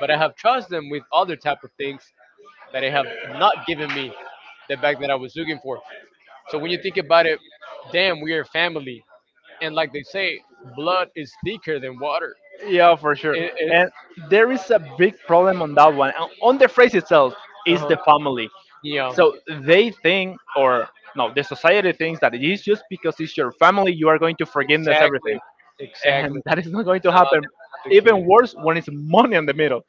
[SPEAKER 2] but I have trust them with other type of things that they have not given me the back that I was looking for. So when you think about it, damn, we are family. And like they say, blood is thicker than water.
[SPEAKER 1] Yeah, for sure.
[SPEAKER 2] It, it,
[SPEAKER 1] And there is a big problem on that one, on on the phrase itself, is
[SPEAKER 2] uh-huh.
[SPEAKER 1] the family.
[SPEAKER 2] Yeah.
[SPEAKER 1] So they think, or no, the society thinks that it is just because it's your family you are going to forgiveness
[SPEAKER 2] Exactly,
[SPEAKER 1] everything,
[SPEAKER 2] exactly.
[SPEAKER 1] and that is not going to
[SPEAKER 2] No,
[SPEAKER 1] happen.
[SPEAKER 2] that's not the case.
[SPEAKER 1] Even worse when it's money in the middle.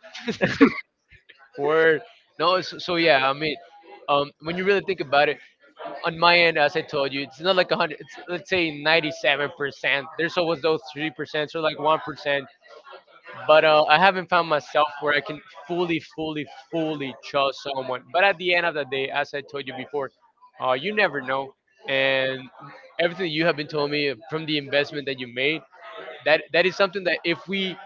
[SPEAKER 2] Word. No, so, so yeah, I mean, um, when you really think about it, on my end, as I told you, it's not like one hundred, it's, let's say ninety-seven percent. There's always those three percent or like one percent. But uh, I haven't found myself where I can fully, fully, fully trust someone. But at the end of the day, as I told you before, uh, you never know. And everything you have been telling me from the investment that you made, that that is something that if we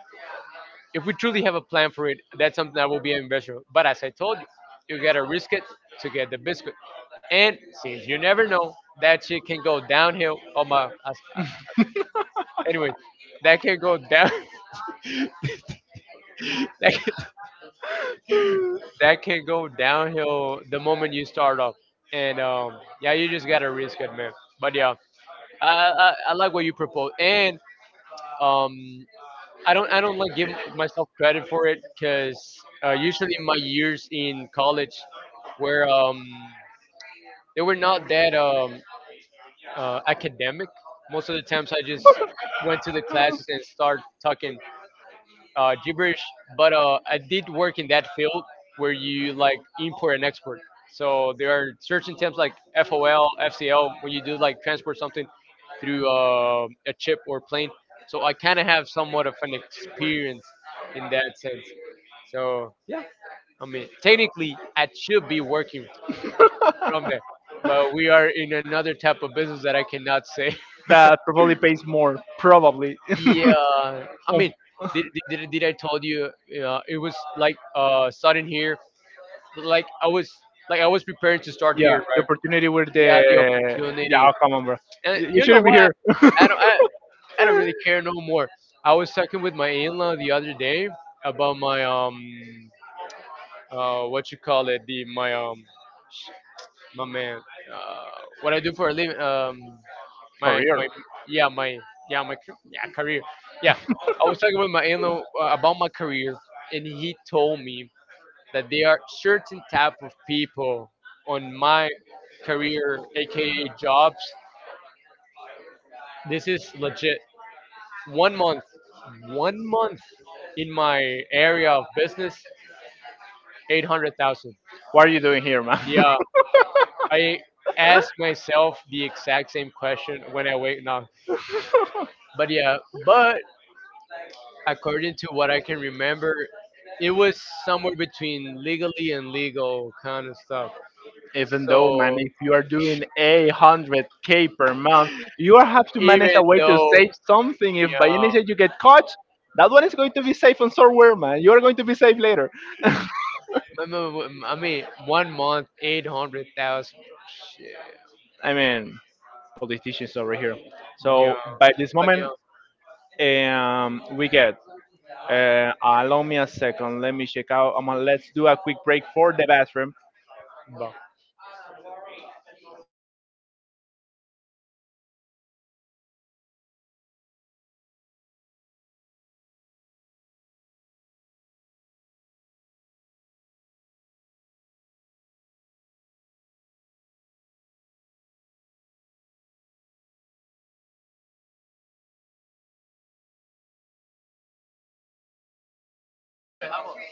[SPEAKER 2] if we truly have a plan for it, that's something that will be an investment. But as I told you, you gotta risk it to get the biscuit. And since you never know, that shit can go downhill. Oh my! as- uh, Anyway, that can go down. that, can, that can go downhill the moment you start off. And um, yeah, you just gotta risk it, man. But yeah, I, I, I like what you propose, and um, I don't I don't like give myself credit for it because uh, usually in my years in college where um they were not that um, uh, academic. Most of the times, I just went to the classes and started talking uh, gibberish. But uh, I did work in that field where you like import and export. So there are certain terms like F O L, F C L when you do like transport something through uh, a chip or plane. So I kind of have somewhat of an experience in that sense. So yeah, I mean technically I should be working from there. But we are in another type of business that I cannot say.
[SPEAKER 1] That probably pays more. Probably.
[SPEAKER 2] Yeah, I mean, did, did, did I told you? Uh, it was like uh, starting here. Like I was like I
[SPEAKER 1] Um,
[SPEAKER 2] was preparing to start
[SPEAKER 1] yeah,
[SPEAKER 2] here,
[SPEAKER 1] the
[SPEAKER 2] right?
[SPEAKER 1] opportunity with the,
[SPEAKER 2] Yeah, the
[SPEAKER 1] yeah,
[SPEAKER 2] opportunity,
[SPEAKER 1] oh, come on, bro.
[SPEAKER 2] and
[SPEAKER 1] You you
[SPEAKER 2] you know
[SPEAKER 1] shouldn't be
[SPEAKER 2] what?
[SPEAKER 1] here.
[SPEAKER 2] I don't I, I don't really care no more. I was talking with my in-law the other day about my um uh what you call it the my um my man uh what I do for a living um my my yeah my yeah my ca- yeah career yeah. I was talking with my in-law uh, about my career and he told me that there are certain type of
[SPEAKER 1] Career.
[SPEAKER 2] people on my career aka jobs. This is legit. one month One month in my area of business: eight hundred thousand.
[SPEAKER 1] What are you doing here, man?
[SPEAKER 2] Yeah, I ask myself the exact same question when I wake up. But yeah, but according to what I can remember, it was somewhere between legally and legal kind of stuff.
[SPEAKER 1] Even though, man,
[SPEAKER 2] So
[SPEAKER 1] if you are doing a hundred k per month, you are have to manage
[SPEAKER 2] even
[SPEAKER 1] a way to
[SPEAKER 2] though,
[SPEAKER 1] save something. If by
[SPEAKER 2] yeah,
[SPEAKER 1] any chance you get caught, that one is going to be safe on somewhere, man. You are going to be safe later.
[SPEAKER 2] m- m- m- I mean, one month, eight hundred thousand. Shit.
[SPEAKER 1] I mean, politicians over here.
[SPEAKER 2] Yeah.
[SPEAKER 1] So by this
[SPEAKER 2] But yeah.
[SPEAKER 1] moment, um, we get. Uh, allow me a second. Let me check out. Um, let's do a quick break for the bathroom.
[SPEAKER 2] but-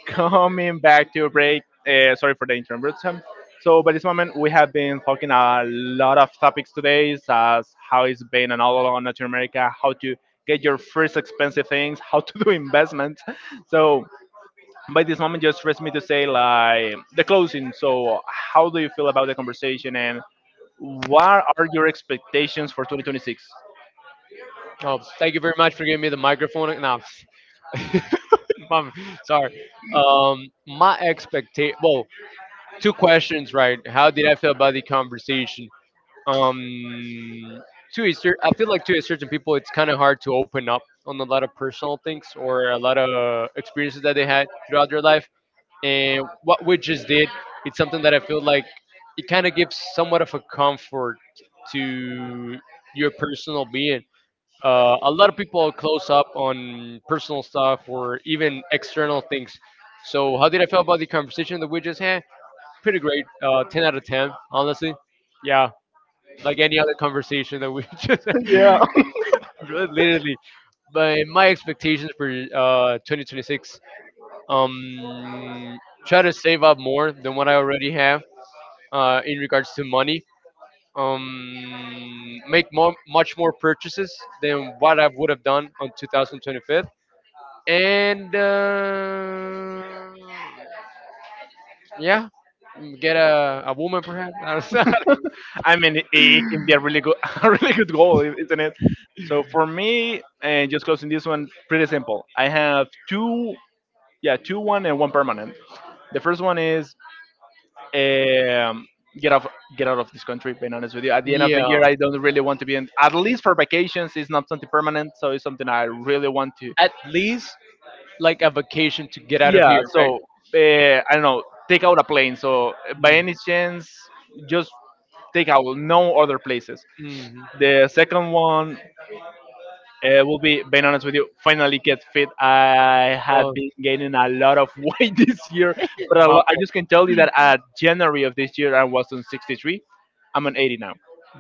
[SPEAKER 1] Coming back to a break. Uh, sorry for the interruption. So, by this moment, we have been talking a lot of topics today, as how it's been an all along Latin America, how to get your first expensive things, how to do investments. So, by this moment, just rest me to say, like, the closing. So, how do you feel about the conversation and what are your expectations for twenty twenty-six?
[SPEAKER 2] Oh, thank you very much for giving me the microphone. No, I'm sorry. Um, my expectation. Well, two questions, right? How did I feel about the conversation? Um, to a cer- I feel like to a certain people, it's kind of hard to open up on a lot of personal things or a lot of experiences that they had throughout their life. And what we just did, it's something that I feel like it kind of gives somewhat of a comfort to your personal being. Uh, a lot of people are close up on personal stuff or even external things. So, how did I feel about the conversation that we just had? Pretty great. Uh, ten out of ten, honestly. Yeah like any other conversation that we just
[SPEAKER 1] Yeah.
[SPEAKER 2] literally. But my expectations for uh twenty twenty-six, um, try to save up more than what I already have, uh, in regards to money. Um, make more much more purchases than what I would have done on twenty twenty-five, and uh, yeah, get a, a woman perhaps. I don't know.
[SPEAKER 1] I mean, it it can be a really good, a really good goal, i- isn't it? So for me, and just closing this one, pretty simple. I have two, yeah, two, one and one permanent. The first one is, um, get off, get out of this country. Being honest with you, at the end of the
[SPEAKER 2] Yeah,
[SPEAKER 1] year, I don't really want to be in. At least for vacations, it's not something permanent, so it's something I really want to.
[SPEAKER 2] at least like a vacation to get out of
[SPEAKER 1] Yeah.
[SPEAKER 2] here,
[SPEAKER 1] So, uh, I don't know, take out a plane. So, uh, by
[SPEAKER 2] right?
[SPEAKER 1] any chance, just take out no other places.
[SPEAKER 2] Mhm.
[SPEAKER 1] The second one, uh, will be, being honest with you, finally get fit. I have
[SPEAKER 2] Oh,
[SPEAKER 1] been gaining a lot of weight this year, but a lo-
[SPEAKER 2] mom.
[SPEAKER 1] I just can tell you that at January of this year I was on sixty-three. I'm on eighty.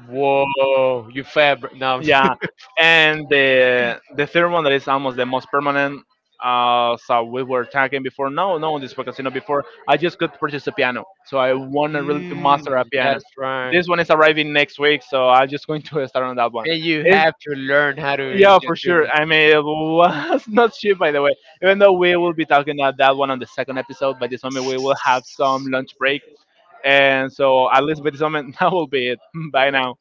[SPEAKER 2] Whoa, you fabric. No,
[SPEAKER 1] Yeah. And the the third one, that is almost the most permanent, uh so we were talking before, no no on this casino before, I just could purchase a piano. So I want really to
[SPEAKER 2] Mm.
[SPEAKER 1] master a piano.
[SPEAKER 2] That's right.
[SPEAKER 1] This one is arriving next week, so I'm just going to start on that one.
[SPEAKER 2] And you
[SPEAKER 1] It's,
[SPEAKER 2] have to learn how to,
[SPEAKER 1] yeah,
[SPEAKER 2] to
[SPEAKER 1] for
[SPEAKER 2] do
[SPEAKER 1] sure.
[SPEAKER 2] it
[SPEAKER 1] I mean, it was not cheap, by the way. Even though, we will be talking about that one on the second episode. By this moment, we will have some lunch break. And so at least by this moment, that will be it. Bye now.